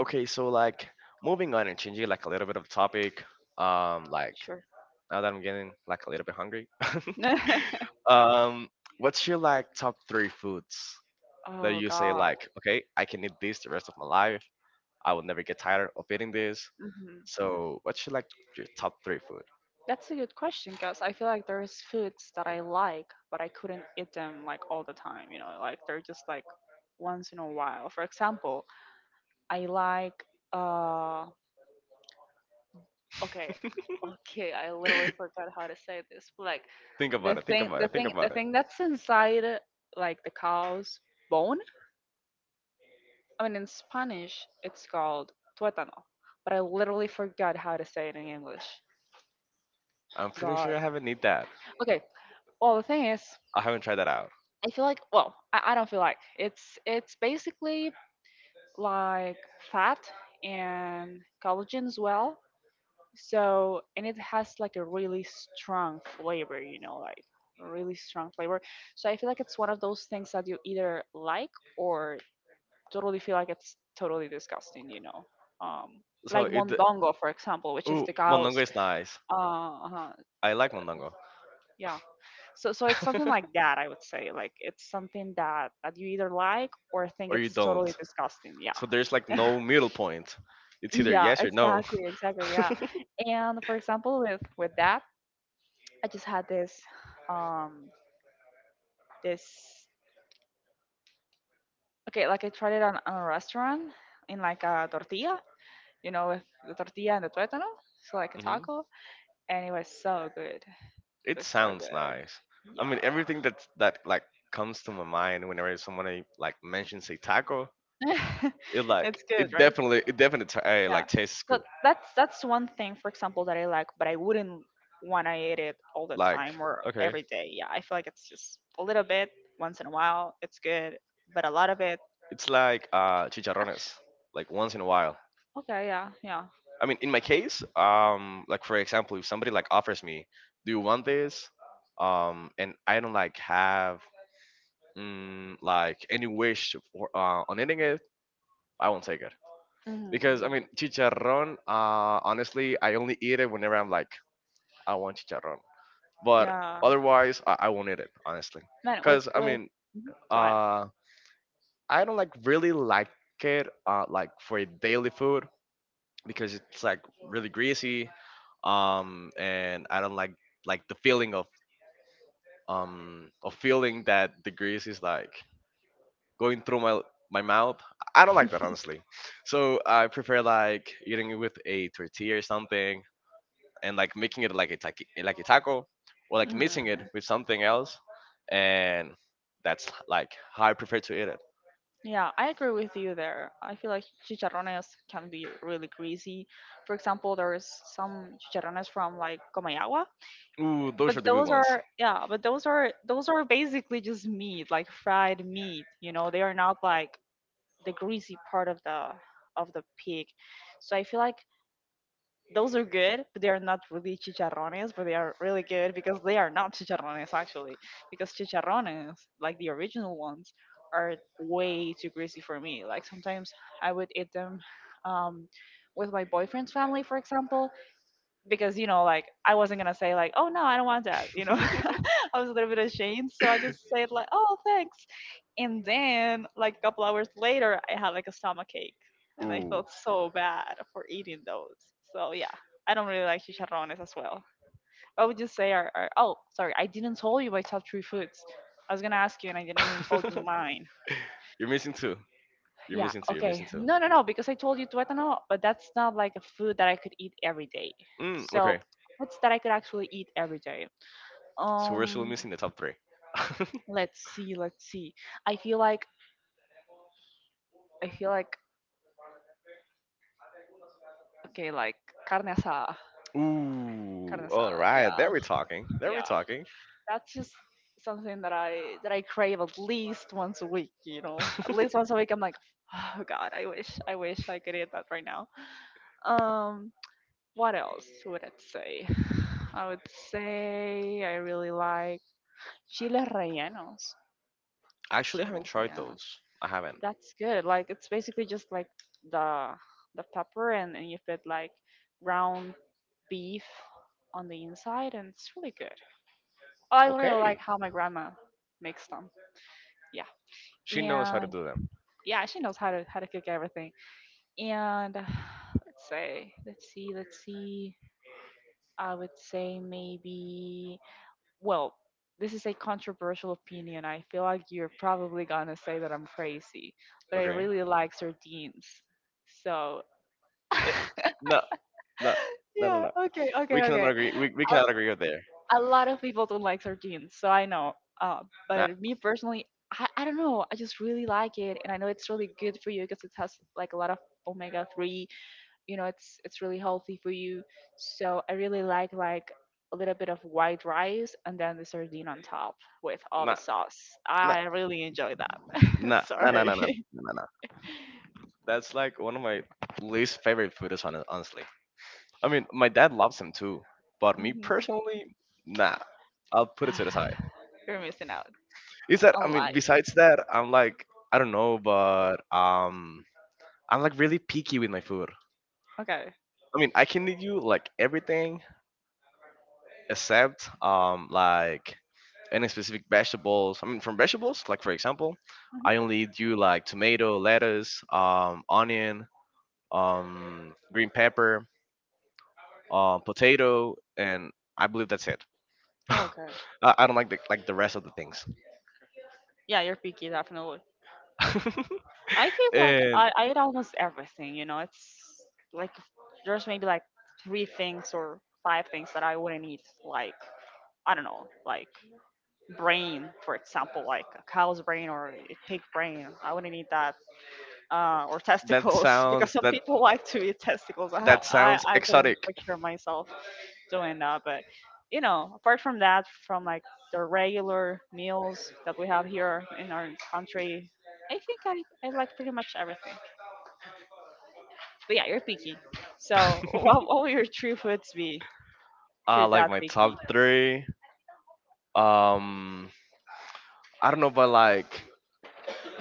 A: okay, so like moving on and changing like a little bit of topic. Like
B: sure.
A: now that I'm getting like a little bit hungry. <laughs>
B: <laughs>
A: Um, what's your like top three foods that
B: Oh
A: you say
B: God.
A: like, okay, I can eat this the rest of my life. I will never get tired of eating this.
B: Mm-hmm.
A: So what's your like your top three food?
B: That's a good question because I feel like there's foods that I like, but I couldn't eat them like all the time, you know, like they're just like once in a while. For example, I like uh okay, okay, I literally forgot how to say this. But like
A: Think about it. Think about it. Think
B: the
A: about it.
B: thing that's inside like the cow's bone. I mean in Spanish it's called tuétano, but I literally forgot how to say it in English.
A: I'm pretty sure
B: God.
A: I haven't eat that.
B: Okay, well the thing is
A: I haven't tried that out.
B: I feel like well, I don't feel like it's basically like fat and collagen as well. So and it has like a really strong flavor, you know, like a really strong flavor. So I feel like it's one of those things that you either like or totally feel like it's totally disgusting. Um
A: So
B: like
A: it.
B: mondongo, for example, which is
A: Ooh,
B: the
A: mondongo
B: cows.
A: is nice.
B: Uh-huh.
A: I like mondongo.
B: Yeah. So it's something like that, I would say. Like it's something that you either like or
A: <laughs>
B: think
A: Or you
B: it's totally
A: don't.
B: disgusting. Yeah.
A: So there's like
B: <laughs>
A: no middle point. It's either
B: Yeah,
A: yes or no.
B: exactly, exactly.
A: <laughs>
B: Yeah. And for example, with that, I just had this um this okay, like I tried it on a restaurant in like a tortilla, with the tortilla and the tuétano, so like a
A: Mhm.
B: taco, and it was so good. It
A: It
B: was so
A: sounds
B: good.
A: nice. I
B: Yeah.
A: mean, everything that like comes to my mind whenever someone like mentions a taco,
B: <laughs>
A: it like
B: It's good, right?
A: it definitely
B: Yeah.
A: like tastes
B: So
A: good.
B: that's one thing, for example, that I like, but I wouldn't want to eat it all the
A: Like
B: time or
A: okay,
B: every day. Yeah, I feel like it's just a little bit once in a while. It's good, but a lot of it.
A: it's like chicharrones. Like once in a while.
B: Okay. Yeah. Yeah.
A: I mean, in my case, like for example, if somebody like offers me, "Do you want this?" And I don't like have like any wish for on eating it, I won't take it.
B: Mm-hmm.
A: Because I mean,
B: Hmm.
A: chicharrón. Honestly, I only eat it whenever I'm like, I want chicharrón. But
B: Yeah.
A: otherwise, I won't eat it honestly.
B: Man, with
A: Because I
B: with.
A: mean,
B: Mhm. Go ahead.
A: uh, I don't like really like it like for a daily food because it's like really greasy. And I don't like the feeling of feeling that the grease is like going through my my mouth. I don't like that honestly. So I prefer like eating it with a tortilla or something and like making it like a like a taco or like mixing it
B: Mm.
A: with something else and that's like how I prefer to eat it.
B: Yeah, I agree with you there. I feel like chicharrones can be really greasy. For example, there's some chicharrones from like Comayagua.
A: Ooh,
B: But
A: those are the good
B: those
A: ones.
B: are, yeah, but those are basically just meat, like fried meat, you know, they are not like the greasy part of the pig, so I feel like those are good, but they are not really chicharrones, but they are really good because they are not chicharrones actually, because chicharrones, like the original ones, are way too greasy for me, like sometimes I would eat them, um, with my boyfriend's family, for example, because you know, like I wasn't gonna say like, oh, no, I don't want that, you know. <laughs>
A: <laughs>
B: I was a little bit ashamed, so I just said like, oh, thanks. And then like a couple hours later I had like a stomach ache, and I
A: Ooh.
B: felt so bad for eating those. So yeah, I don't really like chicharrones as well. What would you say are oh, sorry, I didn't tell you my top three foods. I was gonna ask you and I didn't even told you
A: <laughs>
B: mine.
A: You're missing two. You're
B: Yeah,
A: missing two. You're
B: okay.
A: missing two.
B: No, no, no, because I told you tuétano, but that's not like a food that I could eat every day.
A: Mm, okay.
B: So, what's that I could actually eat every day?
A: So we're still
B: Um,
A: missing the top three.
B: let's see, let's see. I feel like I feel like okay, like carne asada.
A: <laughs>
B: Carne
A: Ooh. All
B: asada.
A: right.
B: Yeah.
A: There we're talking. There we're
B: Yeah.
A: talking. <laughs>
B: That's just something that I crave at least once a week, you know. At least once a week I'm like, "Oh god, I wish I could eat that right now." Um, what else would I say? <sighs> I would say I really like chiles rellenos.
A: Actually, I haven't
B: Chiles
A: tried
B: rellenos.
A: those. I haven't.
B: That's good. Like it's basically just like the the pepper and you put like ground beef on the inside and it's really good. I really
A: Okay.
B: like how my grandma makes them. Yeah.
A: She knows how to
B: And
A: do them.
B: yeah, she knows how to cook everything. And <sighs> Let's see. I would say maybe, well, this is a controversial opinion. I feel like you're probably gonna say that I'm crazy, but I
A: Okay.
B: really like sardines. So,
A: Eh,
B: <laughs>
A: No. No, no, no,
B: yeah,
A: no.
B: okay, okay,
A: We cannot
B: okay.
A: agree. We cannot agree
B: A,
A: with there.
B: a lot of people don't like sardines, so I know. Uh,
A: Nah,
B: but me personally, I don't know. I just really like it, and I know it's really good for you because it has like a lot of omega 3, it's really healthy for you, so I really like a little bit of white rice and then the sardine on top with all the
A: nah,
B: sauce.
A: nah,
B: I really enjoy that.
A: nah,
B: <laughs>
A: nah, nah,
B: Sorry.
A: nah, nah,
B: <laughs>
A: nah, nah. Nah. That's like one of my least favorite foods, honestly. I mean, my dad loves them too, but me
B: Mhm.
A: personally, nah. I'll put it to the side.
B: <sighs> You're missing out
A: Is that
B: on
A: I mean,
B: life.
A: besides that, I'm like I don't know, but I'm like really picky with my food.
B: Okay.
A: I mean, I can eat you like everything, except like any specific vegetables. I mean, from vegetables, like for example, I only do like
B: Mhm.
A: tomato, lettuce, onion, green pepper, potato, and I believe that's it. <laughs> I,
B: Okay.
A: I don't like the rest of the things.
B: Yeah, you're picky, definitely.
A: <laughs>
B: I think like
A: And
B: I eat almost everything, you know, it's like there's maybe like three things or five things that I wouldn't eat, like I don't know, like brain, for example, like a cow's brain or a pig brain. I wouldn't eat that. Or
A: that
B: testicles, <laughs> because
A: sounds
B: some
A: that
B: people like to eat testicles. <laughs> I,
A: that
B: I,
A: sounds
B: I couldn't
A: exotic.
B: picture myself doing that. But, you know, apart from that, from like the regular meals that we have here in our country, I think I like pretty much everything. But yeah, you're picky. So, <laughs> what will your three foods be
A: <laughs>
B: if you're
A: Like
B: that
A: my
B: picky?
A: top three. Um, I don't know, but like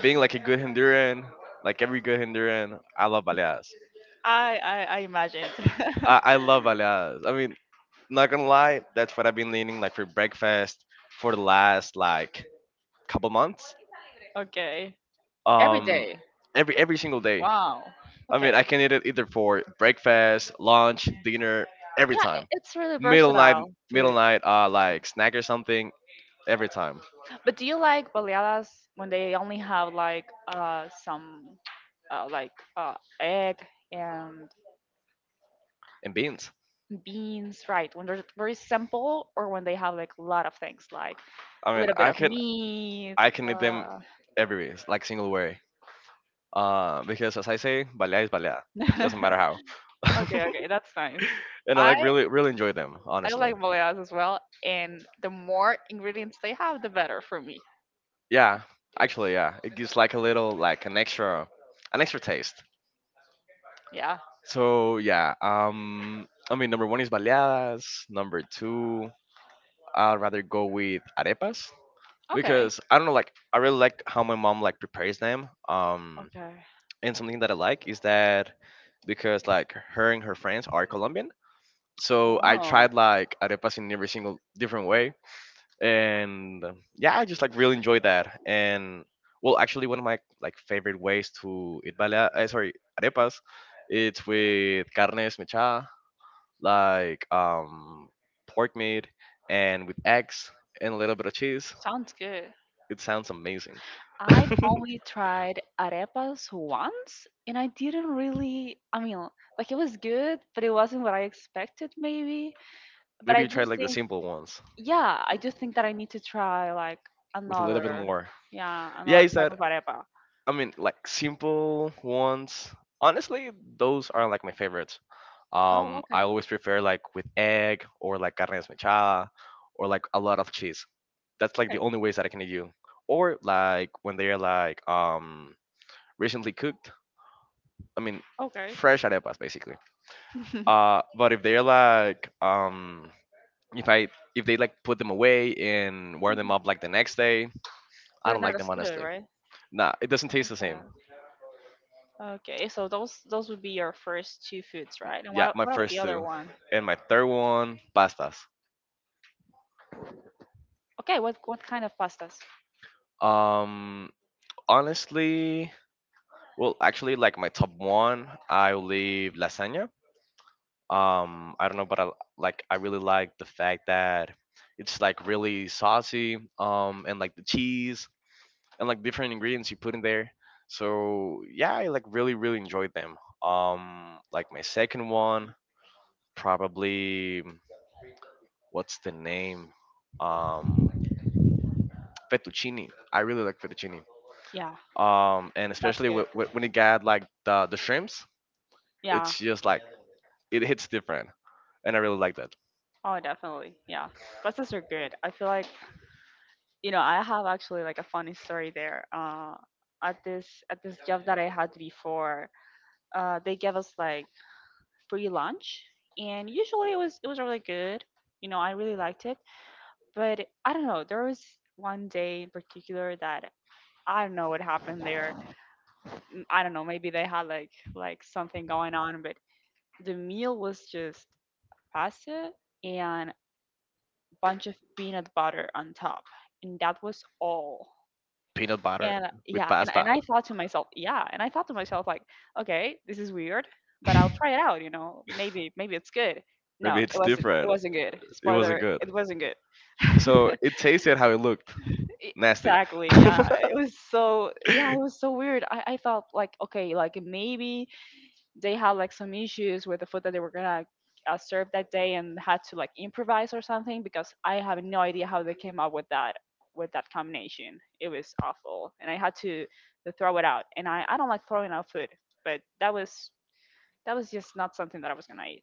A: being like a good Honduran, like every good Honduran, I love baleadas.
B: I imagined.
A: I love baleadas. I mean, not gonna lie, that's what I've been leaning like for breakfast for the last like couple months.
B: <laughs> Okay. Every
A: Um,
B: day.
A: every single day.
B: Wow.
A: I mean, I
B: Okay.
A: can eat it either for breakfast, lunch, dinner, every
B: Yeah, I-
A: time.
B: it's really
A: Middle night,
B: versatile
A: middle
B: food.
A: night, like snack or something, every time.
B: But do you like baleadas when they only have like some like egg and
A: And beans.
B: beans, right? When they're very simple or when they have like a lot of things like
A: I
B: a
A: mean,
B: little bit of meat.
A: I can eat them
B: Uh...
A: every like single way. Because as I say, balea is balea. Doesn't matter
B: <laughs>
A: how. <laughs>
B: okay, okay, that's nice.
A: And I
B: I
A: like really really enjoy them,
B: I like
A: honestly.
B: baleadas as well, and the more ingredients they have, the better for me.
A: Yeah, actually, yeah. It gives like a little like an extra taste.
B: Yeah.
A: So yeah, I mean number one is baleadas. Number two, I'd rather go with arepas
B: Okay.
A: because I don't know, like I really like how my mom like prepares them.
B: Okay.
A: And something that I like is that because like her and her friends are Colombian. So I
B: Oh.
A: tried like arepas in every single different way, and yeah, I just like really enjoy that. And well, actually, one of my like favorite ways to eat balea, sorry, arepas, it's with carne mechada, like pork meat, and with eggs and a little bit of cheese.
B: Sounds good.
A: It sounds amazing. <laughs>
B: I've only tried arepas once and I didn't really, I mean, like it was good, but it wasn't what I expected maybe. But
A: Maybe
B: I
A: you
B: do
A: try like the
B: think,
A: simple ones
B: yeah, I do think that I need to try like
A: with a little bit
B: another,
A: more.
B: yeah,
A: Yeah,
B: another
A: it's
B: type
A: that
B: of arepa.
A: I mean, like simple ones. Honestly, those are like my favorites.
B: Oh, okay.
A: I always prefer like with egg or like carne desmechada or like a lot of cheese. That's like the
B: Okay.
A: only ways that I can eat you. Or like when they are like recently cooked. I mean,
B: Okay.
A: fresh arepas basically.
B: <laughs>
A: But if they're like if I if they like put them away and wear them up like the next day, I
B: They're
A: don't
B: not
A: like
B: as
A: them
B: good,
A: honestly.
B: right?
A: Nah, it doesn't taste the same.
B: Okay. Okay, so those would be your first two foods, right? And
A: Yeah,
B: what
A: my
B: what about the
A: first
B: other
A: two.
B: one?
A: And my third one, pastas.
B: Okay, what kind of pastas?
A: Um, honestly, well, actually, like my top one, I will leave lasagna. I don't know, but I like I really like the fact that it's like really saucy. And like the cheese and like different ingredients you put in there. So yeah, I like really really enjoyed them. Like my second one, probably what's the name? Um, fettuccine. I really like fettuccine.
B: Yeah,
A: And
B: that's
A: especially
B: good.
A: when it got like the shrimps
B: Yeah.
A: it's just like it hits different and I really like that.
B: Oh, definitely. Yeah. Buses are good. I feel like, you know, I have actually like a funny story there. At this job that I had before, they gave us like free lunch, and usually it was really good. You know, I really liked it, but I don't know. There was one day in particular that I don't know what happened there. I don't know. Maybe they had like something going on, but the meal was just pasta and bunch of peanut butter on top, and that was all.
A: Peanut butter
B: And
A: with
B: yeah,
A: pasta.
B: and I thought to myself, yeah, and I thought to myself like, okay, this is weird, but I'll try it out, you know. Maybe it's good.
A: I
B: No,
A: mean
B: it
A: it's
B: wasn't it
A: different.
B: wasn't good.
A: It wasn't
B: Spoiler,
A: good.
B: it wasn't good. <laughs>
A: So it tasted how it looked.
B: E-
A: Nasty. <laughs>
B: exactly, yeah,
A: I
B: it was so, yeah, it was so weird. I felt like okay, like maybe they had like some issues with the food that they were gonna serve that day and had to like improvise or something, because I have no idea how they came up with that combination. It was awful, and I had to throw it out. And I don't like throwing out food, but that was just not something that I was gonna eat.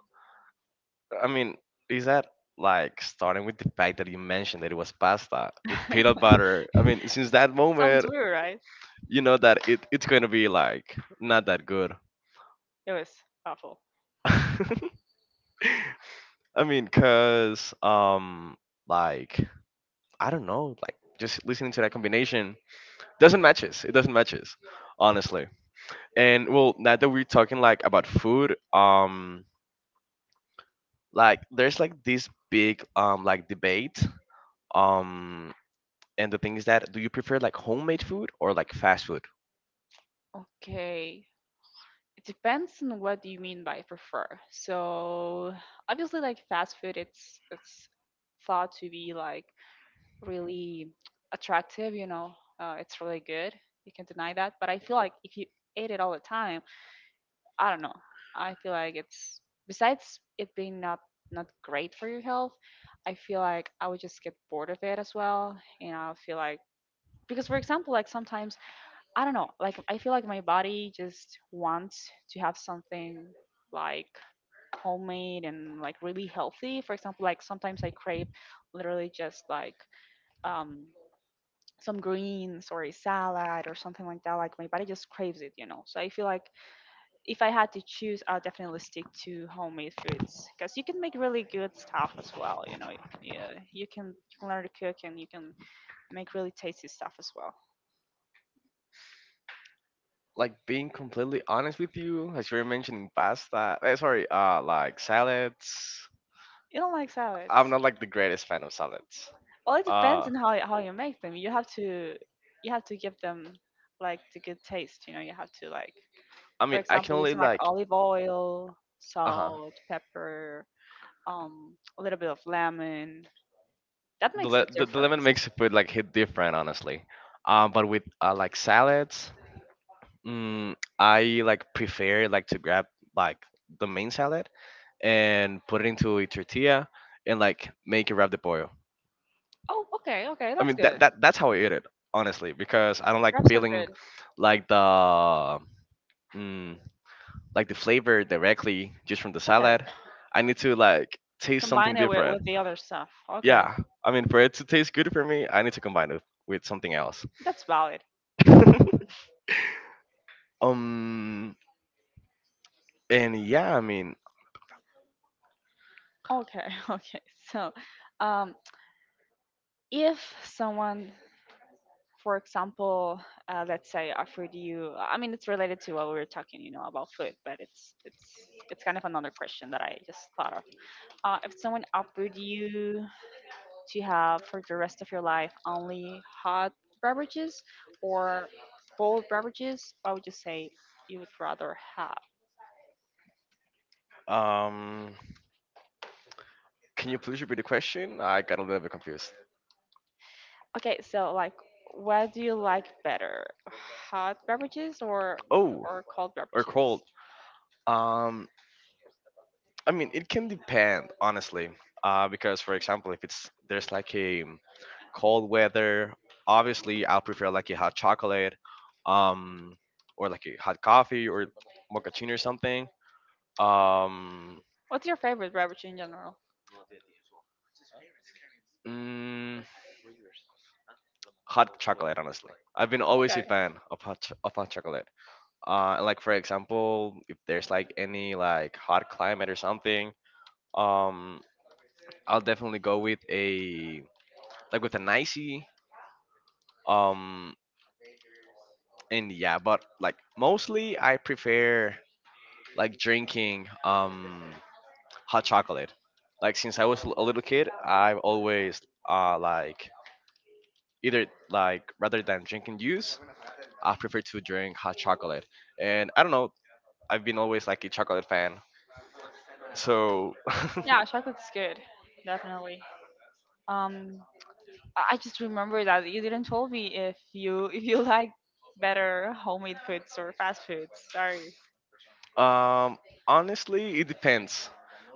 A: mean is that like starting with the fact that you mentioned that it was pasta with peanut
B: <laughs>
A: butter, I mean since that
B: Sounds
A: moment
B: weird, right?
A: you know that it's going to be like not that good.
B: It was awful.
A: <laughs> I mean, cause like I don't know, like just listening to that combination doesn't matches. It doesn't matches, honestly. And well, now that we're talking like about food, like there's like this big like debate um, and the thing is that do you prefer like homemade food or like fast food?
B: Okay. It depends on what do you mean by prefer. So obviously like fast food it's thought to be like really attractive, it's really good. You can deny that. But I feel like if you ate it all the time, I don't know. I feel like it's besides it being not great for your health, I feel like I would just get bored of it as well. And I feel like because for example, like sometimes I don't know, like I feel like my body just wants to have something like homemade and like really healthy. For example, like sometimes I crave literally just like um some greens or a salad or something like that. Like my body just craves it, you know. So I feel like if I had to choose, I'll definitely stick to homemade foods because you can make really good stuff as well. You know, yeah, you can learn to cook and you can make really tasty stuff as well.
A: Like being completely honest with you, as you were mentioning pasta, sorry, like salads.
B: You don't like salads?
A: I'm not like the greatest fan of salads.
B: Well, it depends
A: Uh,
B: on how you make them. You have to give them like the good taste. You know, you have to like,
A: I
B: for
A: mean, I can
B: example,
A: only
B: using like
A: like
B: olive oil,
A: uh-huh.
B: salt, pepper, a little bit of lemon, that makes the
A: The lemon
B: difference.
A: makes food like hit different, honestly. But with like salads, I like prefer like to grab like the main salad and put it into a tortilla and like make it wrap the pollo.
B: Oh, okay, okay,
A: I
B: that's
A: mean that,
B: good.
A: that that's how I eat it, honestly, because I don't like
B: Wraps are
A: feeling
B: good.
A: like the mm, like the flavor directly just from the
B: Okay.
A: salad. I need to like taste
B: Combine
A: something
B: it with,
A: different.
B: with the other stuff. Okay.
A: Yeah, I mean for it to taste good for me, I need to combine it with something else.
B: That's valid.
A: <laughs> um, and yeah, I mean,
B: Okay, <laughs> okay. So, um, if someone, for example, let's say offered you, I mean, it's related to what we were talking, you know, about food, but it's kind of another question that I just thought of. If someone offered you to have for the rest of your life only hot beverages or cold beverages, what would you say you would rather have?
A: um, can you please repeat the question? I got a little bit confused.
B: Okay, so like what do you like better? Hot beverages
A: Oh,
B: or cold
A: or
B: beverages?
A: cold. Um, I mean, it can depend, honestly. Because for example, if it's there's like a cold weather, obviously I'll prefer like a hot chocolate, um, or like a hot coffee or mochaccino or something. Um,
B: What's your favorite beverage in general?
A: mm, hot chocolate, honestly. I've been always
B: Okay.
A: a fan of hot, of hot chocolate. Like for example if there's like any like hot climate or something um I'll definitely go with a like with an icy um and yeah but like mostly I prefer like drinking hot chocolate like since I was a little kid I've always like either like rather than drinking juice I prefer to drink hot chocolate and I don't know I've been always like a chocolate fan so. <laughs>
B: Yeah, chocolate's good. Definitely. Um I just remember that you didn't tell me if you like better homemade foods or fast foods. Sorry.
A: Um, honestly, it depends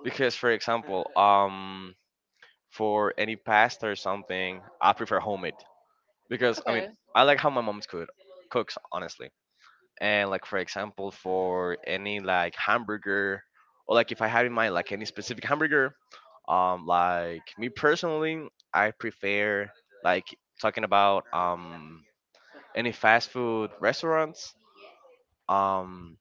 A: because, for example, for any pasta or something, I prefer homemade because I mean
B: Okay.
A: I like how my mom's cooks honestly. And like for example, for any like hamburger or like if I have in mind like any specific hamburger, like me personally, I prefer like talking about any fast food restaurants. Um,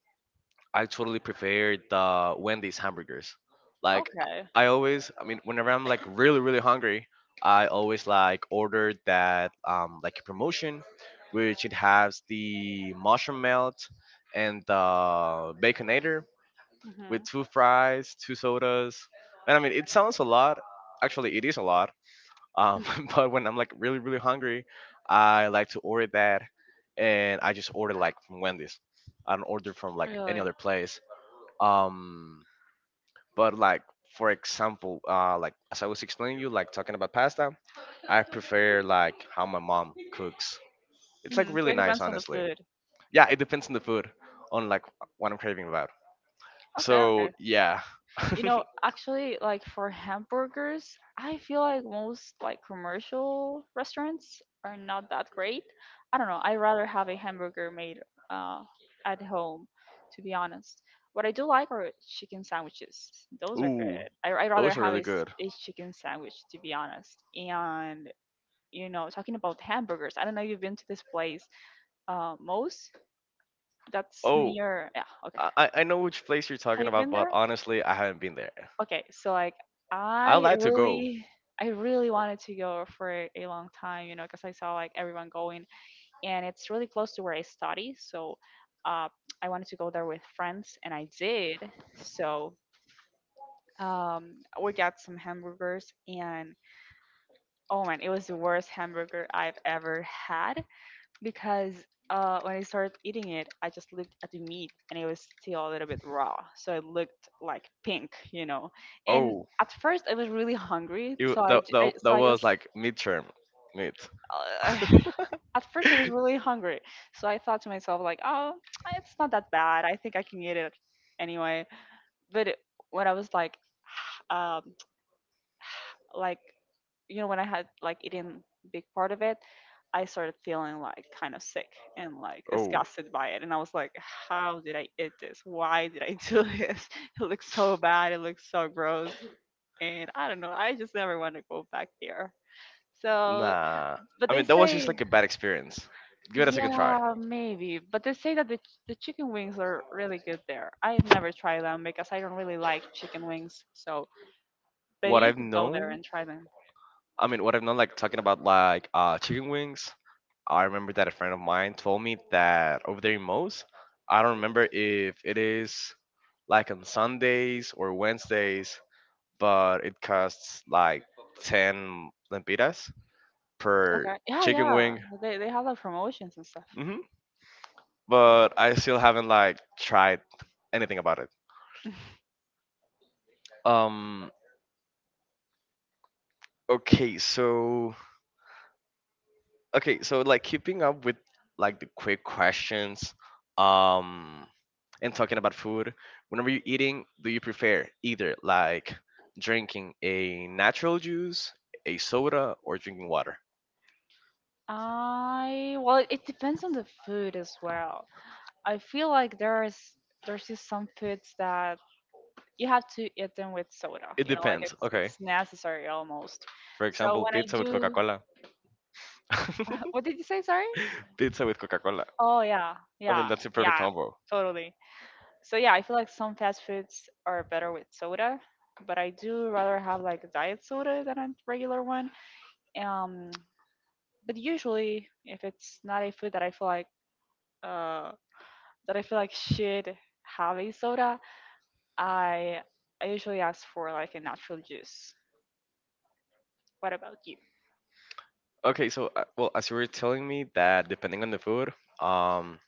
A: I totally prefer the Wendy's hamburgers. Like
B: Okay.
A: I always, I mean, whenever I'm like really hungry, I always like order that like a promotion, which it has the mushroom melt and the baconator
B: Hmm.
A: with two fries, two sodas, and I mean it sounds a lot. Actually, it is a lot. Um, <laughs> but when I'm like really hungry, I like to order that, and I just order like from Wendy's. I don't order from like any
B: Really?
A: other place um but like for example like as I was explaining you, like talking about pasta, I prefer like how my mom cooks. It's like
B: Hmm. So
A: really
B: it
A: nice,
B: depends on the
A: honestly.
B: food.
A: Yeah, it depends on the food, on like what I'm craving about,
B: Okay,
A: so
B: okay.
A: yeah.
B: You know,
A: <laughs>
B: actually, like for hamburgers, I feel like most like commercial restaurants are not that great. I don't know. I rather have a hamburger made uh at home, to be honest. What I do like are chicken sandwiches. Those are good.
A: Ooh,
B: I rather
A: those are
B: have a,
A: really
B: s-
A: good.
B: a chicken sandwich, to be honest. And you know, talking about hamburgers, I don't know if you've been to this place, Moe's. That's
A: Oh,
B: near. Yeah, okay.
A: I know which place you're
B: Have
A: talking
B: you
A: about,
B: been
A: but
B: there?
A: honestly I haven't been there.
B: Okay, so like
A: I'd
B: I
A: like to go.
B: really I really wanted to go for a long time, you know, because I saw like everyone going and it's really close to where I study, so uh I wanted to go there with friends and I did. So um we got some hamburgers and oh man, it was the worst hamburger I've ever had because when I started eating it, I just looked at the meat and it was still a little bit raw. So it looked like pink, you know. And
A: Oh,
B: at first, I was really hungry.
A: you
B: So I,
A: that,
B: j-
A: that,
B: I-
A: that
B: so I
A: was
B: just,
A: like midterm mid
B: uh, <laughs> at first, I was
A: <laughs>
B: really hungry. So I thought to myself, like, oh, <tsk> it's not that bad. I think I can eat it anyway. But it- when I was like, <sighs> um, like you know when I had like eaten big part of it, I started feeling like kind of sick and like
A: oh.
B: disgusted by it. And I was like, how did I eat this? Why did I do this? <laughs> It looks so bad. It looks so gross. And I don't know. I just never want to go back there. So,
A: Nah.
B: but
A: I
B: they
A: mean, that was just
B: say,
A: like a bad experience. Give it a second try.
B: yeah, maybe. But they say that the chicken wings are really good there. I've never tried them because I don't really like chicken wings. So, but
A: What
B: you
A: I've
B: could go there
A: known,
B: and try them.
A: I mean, what I've known, like talking about like chicken wings. I remember that a friend of mine told me that over there in Mo's, I don't remember if it is like on Sundays or Wednesdays, but it costs like 10 lempiras per
B: Okay. Yeah,
A: chicken
B: yeah.
A: wing.
B: They have like promotions and stuff.
A: Hmm. But I still haven't like tried anything about it.
B: <laughs>
A: Um, okay, so okay so like keeping up with like the quick questions um and talking about food, whenever you're eating, do you prefer either like drinking a natural juice, a soda, or drinking water?
B: I well, it depends on the food as well. I feel like there's just some foods that you have to eat them with soda.
A: It
B: You know, like
A: depends, okay,
B: it's necessary almost.
A: for
B: So
A: example,
B: when I
A: pizza with
B: do,
A: Coca-Cola.
B: <laughs>
A: <laughs>
B: what did you say? Sorry.
A: Pizza with Coca-Cola,
B: Oh yeah,
A: I mean,
B: yeah,
A: that's a perfect
B: yeah,
A: combo.
B: totally. So yeah, I feel like some fast foods are better with soda, but I do rather have like diet soda than a regular one. Um, but usually if it's not a food that I feel like uh that I feel like should have a soda, I I usually ask for like a natural juice. What about you?
A: Okay, so well, as you were telling me, that depending on the food, um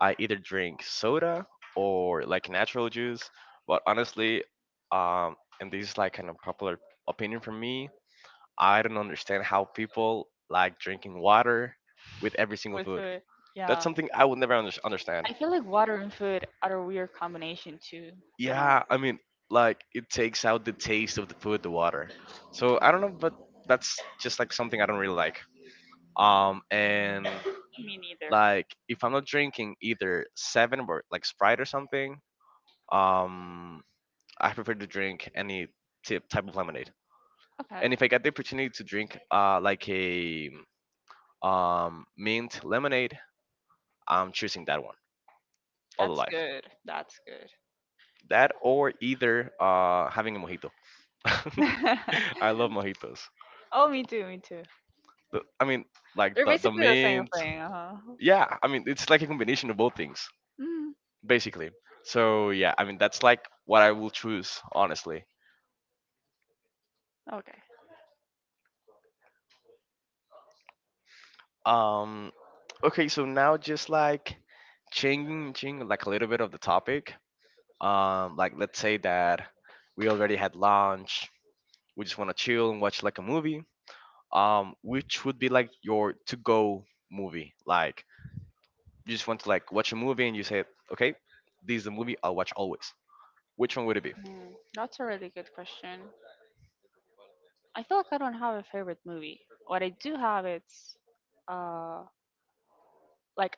A: I either drink soda or like natural juice. But honestly, and this is like kind of popular opinion from me, I don't understand how people like drinking water with every single
B: With
A: food.
B: food.
A: That's
B: Yeah.
A: something I will never understand.
B: I feel like water and food are a weird combination too, you know.
A: Yeah, I mean, like it takes out the taste of the food, the water. So I don't know, but that's just like something I don't really like. And
B: Me neither.
A: like if I'm not drinking either seven or like Sprite or something, um I prefer to drink any type of lemonade.
B: Okay.
A: And if I get the opportunity to drink like a mint lemonade, I'm choosing that one all the
B: That's
A: life.
B: good. That's good.
A: That or either having a mojito. <laughs> I love mojitos.
B: <laughs> Oh, me too, me too.
A: I mean, like
B: They're
A: the
B: basically the same
A: mint.
B: thing, uh-huh.
A: Yeah, I mean, it's like a combination of both things,
B: Mm,
A: basically. So, yeah, I mean, that's like what I will choose, honestly.
B: okay.
A: Um, okay, so now just like changing like a little bit of the topic. Like let's say that we already had lunch, we just want to chill and watch like a movie. Which would be like your to-go movie? Like you just want to like watch a movie and you say, okay, this is the movie I'll watch always. Which one would it be?
B: Mm, that's a really good question. I feel like I don't have a favorite movie. What I do have it's uh like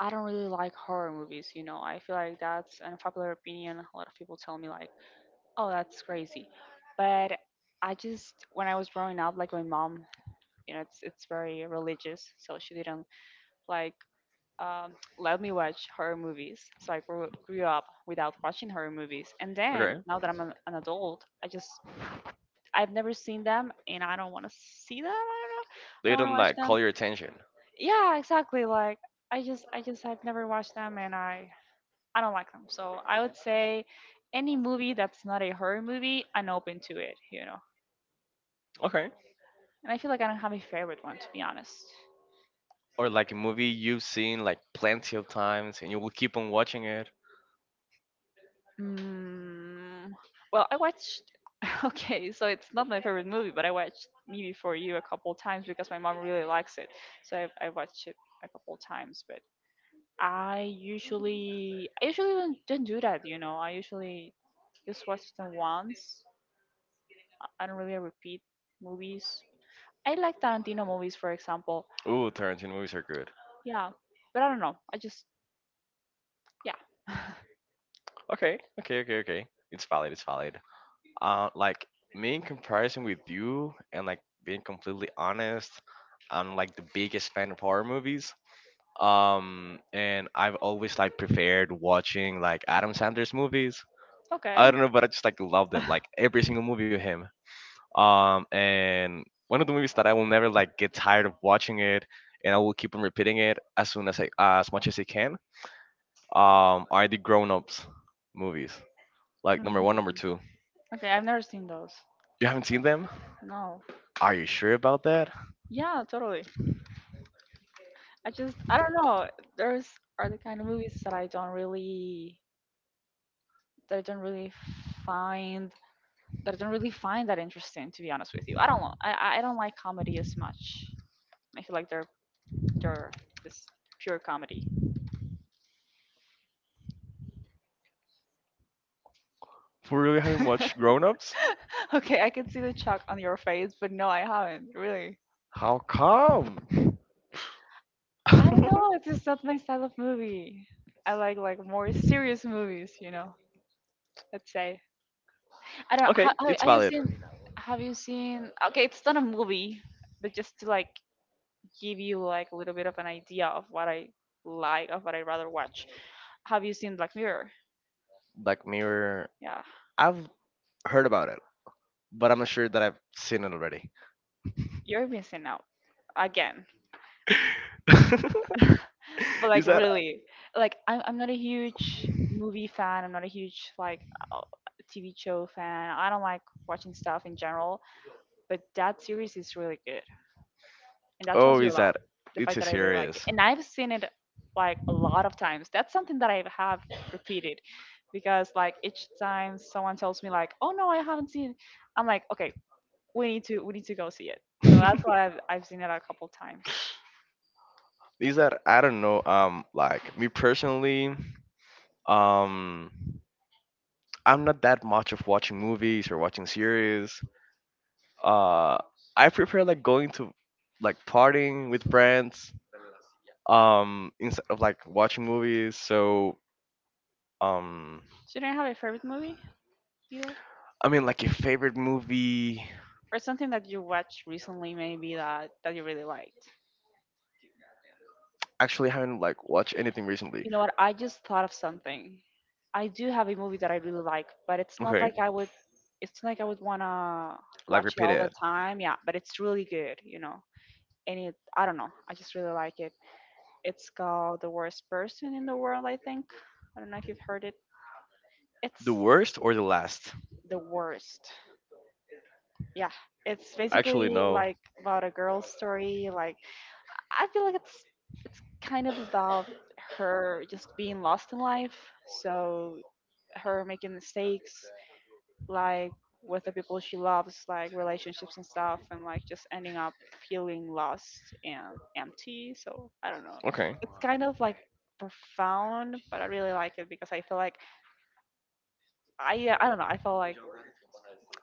B: I don't really like horror movies, you know. I feel like that's an unpopular opinion. A lot of people tell me like, "Oh, that's crazy." But I just when I was growing up, like my mom, you know, it's very religious, so she didn't like let me watch horror movies. So I grew up without watching horror movies. And then
A: Okay,
B: now that I'm an adult, I've never seen them and I don't want to see them. I don't know. I
A: they
B: don't want to
A: don't
B: watch
A: like
B: them.
A: call your attention.
B: Yeah, exactly. Like I've never watched them and I don't like them. So I would say any movie that's not a horror movie, I'm open to it, you know.
A: Okay,
B: And I feel like I don't have a favorite one to be honest.
A: or like a movie you've seen like plenty of times and you will keep on watching it.
B: Mm, well, I watched <laughs> okay, so it's not my favorite movie, but I watched Me Before You a couple times because my mom really likes it. So I watched it a couple times, but I usually don't do that, you know. I usually just watch them once. I don't really repeat movies. I like Tarantino movies, for example.
A: Ooh, Tarantino movies are good.
B: Yeah, but I don't know. I just yeah.
A: Okay, okay, okay, okay. It's valid. It's valid. Like me in comparison with you, and like being completely honest, I'm like the biggest fan of horror movies. And I've always like preferred watching like Adam Sandler's movies.
B: <laughs>
A: I
B: Okay.
A: don't know, but I just like love them, like every single movie of him. And one of the movies that I will never like get tired of watching it, and I will keep on repeating it as soon as I as much as I can. Are the Grown Ups movies like number one, number
B: Mhm.
A: two?
B: Okay, I've never seen those.
A: You haven't seen them?
B: No.
A: Are you sure about that?
B: Yeah, totally. I don't know. There's are the kind of movies that I don't really find that I don't really find that interesting, to be honest with you. I don't know. I don't like comedy as much. I feel like they're just pure comedy.
A: For really having
B: <laughs>
A: watched Grown Ups?
B: Okay, I can see the chalk on your face, but no, I haven't really.
A: How come?
B: I don't know.
A: <laughs>
B: It's just not my style of movie. I like more serious movies, you know. Let's say I don't.
A: Okay, it's
B: Have you
A: valid.
B: seen? Have you seen? Okay, it's not a movie, but just to like give you like a little bit of an idea of what I like, of what I rather watch. Have you seen Black Mirror?
A: Black Mirror,
B: Yeah,
A: I've heard about it, but I'm not sure that I've seen it already.
B: you're missing out again.
A: <laughs>
B: <laughs> But like
A: Is that?
B: really, like I'm not a huge movie fan. I'm not a huge like uh, TV show fan. I don't like watching stuff in general, but that series is really good. And that
A: Oh,
B: tells you a
A: is
B: lot.
A: that?
B: The
A: It's
B: fact
A: a
B: that I really like it.
A: series.
B: And I've seen it like a lot of times. That's something that I have repeated because like each time someone tells me like, "Oh no, I haven't seen it." I'm like, "Okay, we need to go see it." So that's
A: <laughs>
B: why I've seen it a couple times.
A: Is that I don't know. Like me personally, um, I'm not that much of watching movies or watching series. Uh, I prefer like going to like partying with friends instead of like watching movies, so um
B: So you don't have a favorite movie either,
A: I mean like a favorite movie,
B: or something that you watched recently, maybe that you really liked.
A: actually I haven't like watched anything recently.
B: You know what? I just thought of something. I do have a movie that I really like, but it's not
A: Okay,
B: like I would. It's not like I would wanna
A: like
B: watch it
A: repeat
B: all the
A: it.
B: time. Yeah, but it's really good. You know, and it. I don't know. I just really like it. It's called The Worst Person in the World. I think. I don't know if you've heard it.
A: The
B: It's
A: worst or the last?
B: the worst. Yeah, it's
A: Actually
B: basically
A: no.
B: like about a girl's story. Like I feel like it's kind of about her just being lost in life. So her making mistakes, like with the people she loves, like relationships and stuff, and like just ending up feeling lost and empty. So I don't know.
A: Okay.
B: It's kind of like profound, but I really like it because I feel like I yeah, I don't know. I feel like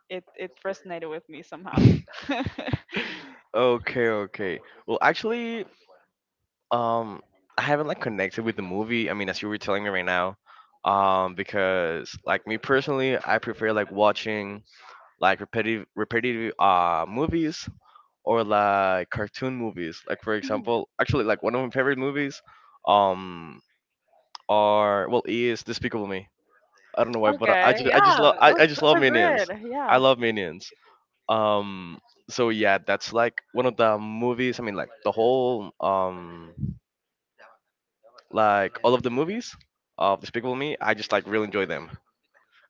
B: it resonated with me somehow. <laughs>
A: <laughs> Okay, okay, well actually um I haven't like connected with the movie, I mean, as you were telling me right now, because like me personally I prefer like watching like repetitive movies or like cartoon movies. Like for
B: <laughs>
A: example, actually like one of my favorite movies um are well is Despicable Me. I don't know why, but I
B: Okay,
A: just
B: yeah,
A: I just
B: those
A: love
B: are
A: Minions.
B: good.
A: I
B: Yeah.
A: love Minions. Um so yeah, that's like one of the movies. I mean like the whole like all of the movies of Despicable Me, I just like really enjoy them.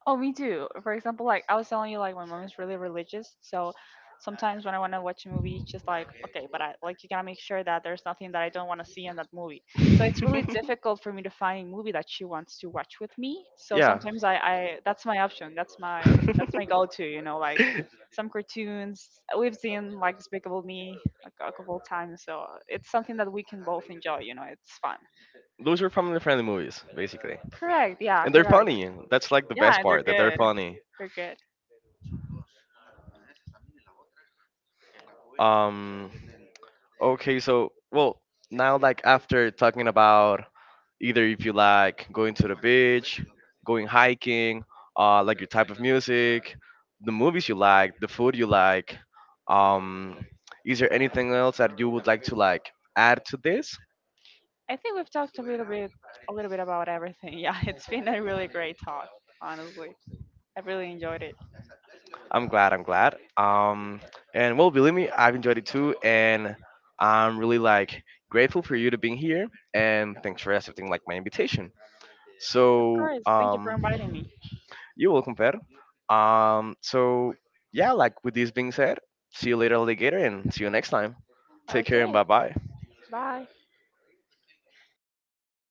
B: Oh, me too. For example, like I was telling you, like my mom is really religious, so sometimes when I want to watch a movie, it's just like, okay, but I like you gotta make sure that there's nothing that I don't want to see in that movie. So it's really difficult for me to find a movie that she wants to watch with me.
A: <laughs>
B: So
A: Yeah.
B: sometimes
A: <laughs>
B: I that's my option. That's my go-to. You know, like some cartoons we've seen like Despicable Me a couple of times, so it's something that we can both enjoy. You know, it's fun.
A: Those are family friendly movies, basically.
B: Correct. Yeah.
A: And they're
B: Correct.
A: funny. That's like the
B: Yeah,
A: best
B: and they're
A: part, that they're
B: good.
A: funny.
B: They're good.
A: Um, okay, so well, now like after talking about either if you like going to the beach, going hiking, like your type of music, the movies you like, the food you like, um, is there anything else that you would like to like add to this?
B: I think we've talked a little bit about everything. <laughs> Yeah, it's been a really great talk, honestly. I really enjoyed it.
A: I'm glad, I'm glad. And well, believe me, I've enjoyed it too, and I'm really like grateful for you to being here, and thanks for accepting like my invitation.
B: Of
A: So
B: course. Thank you for inviting me.
A: you will compare. So yeah, like with this being said, see you later, alligator, and see you next time. Take care and
B: Okay.
A: bye bye.
B: Bye.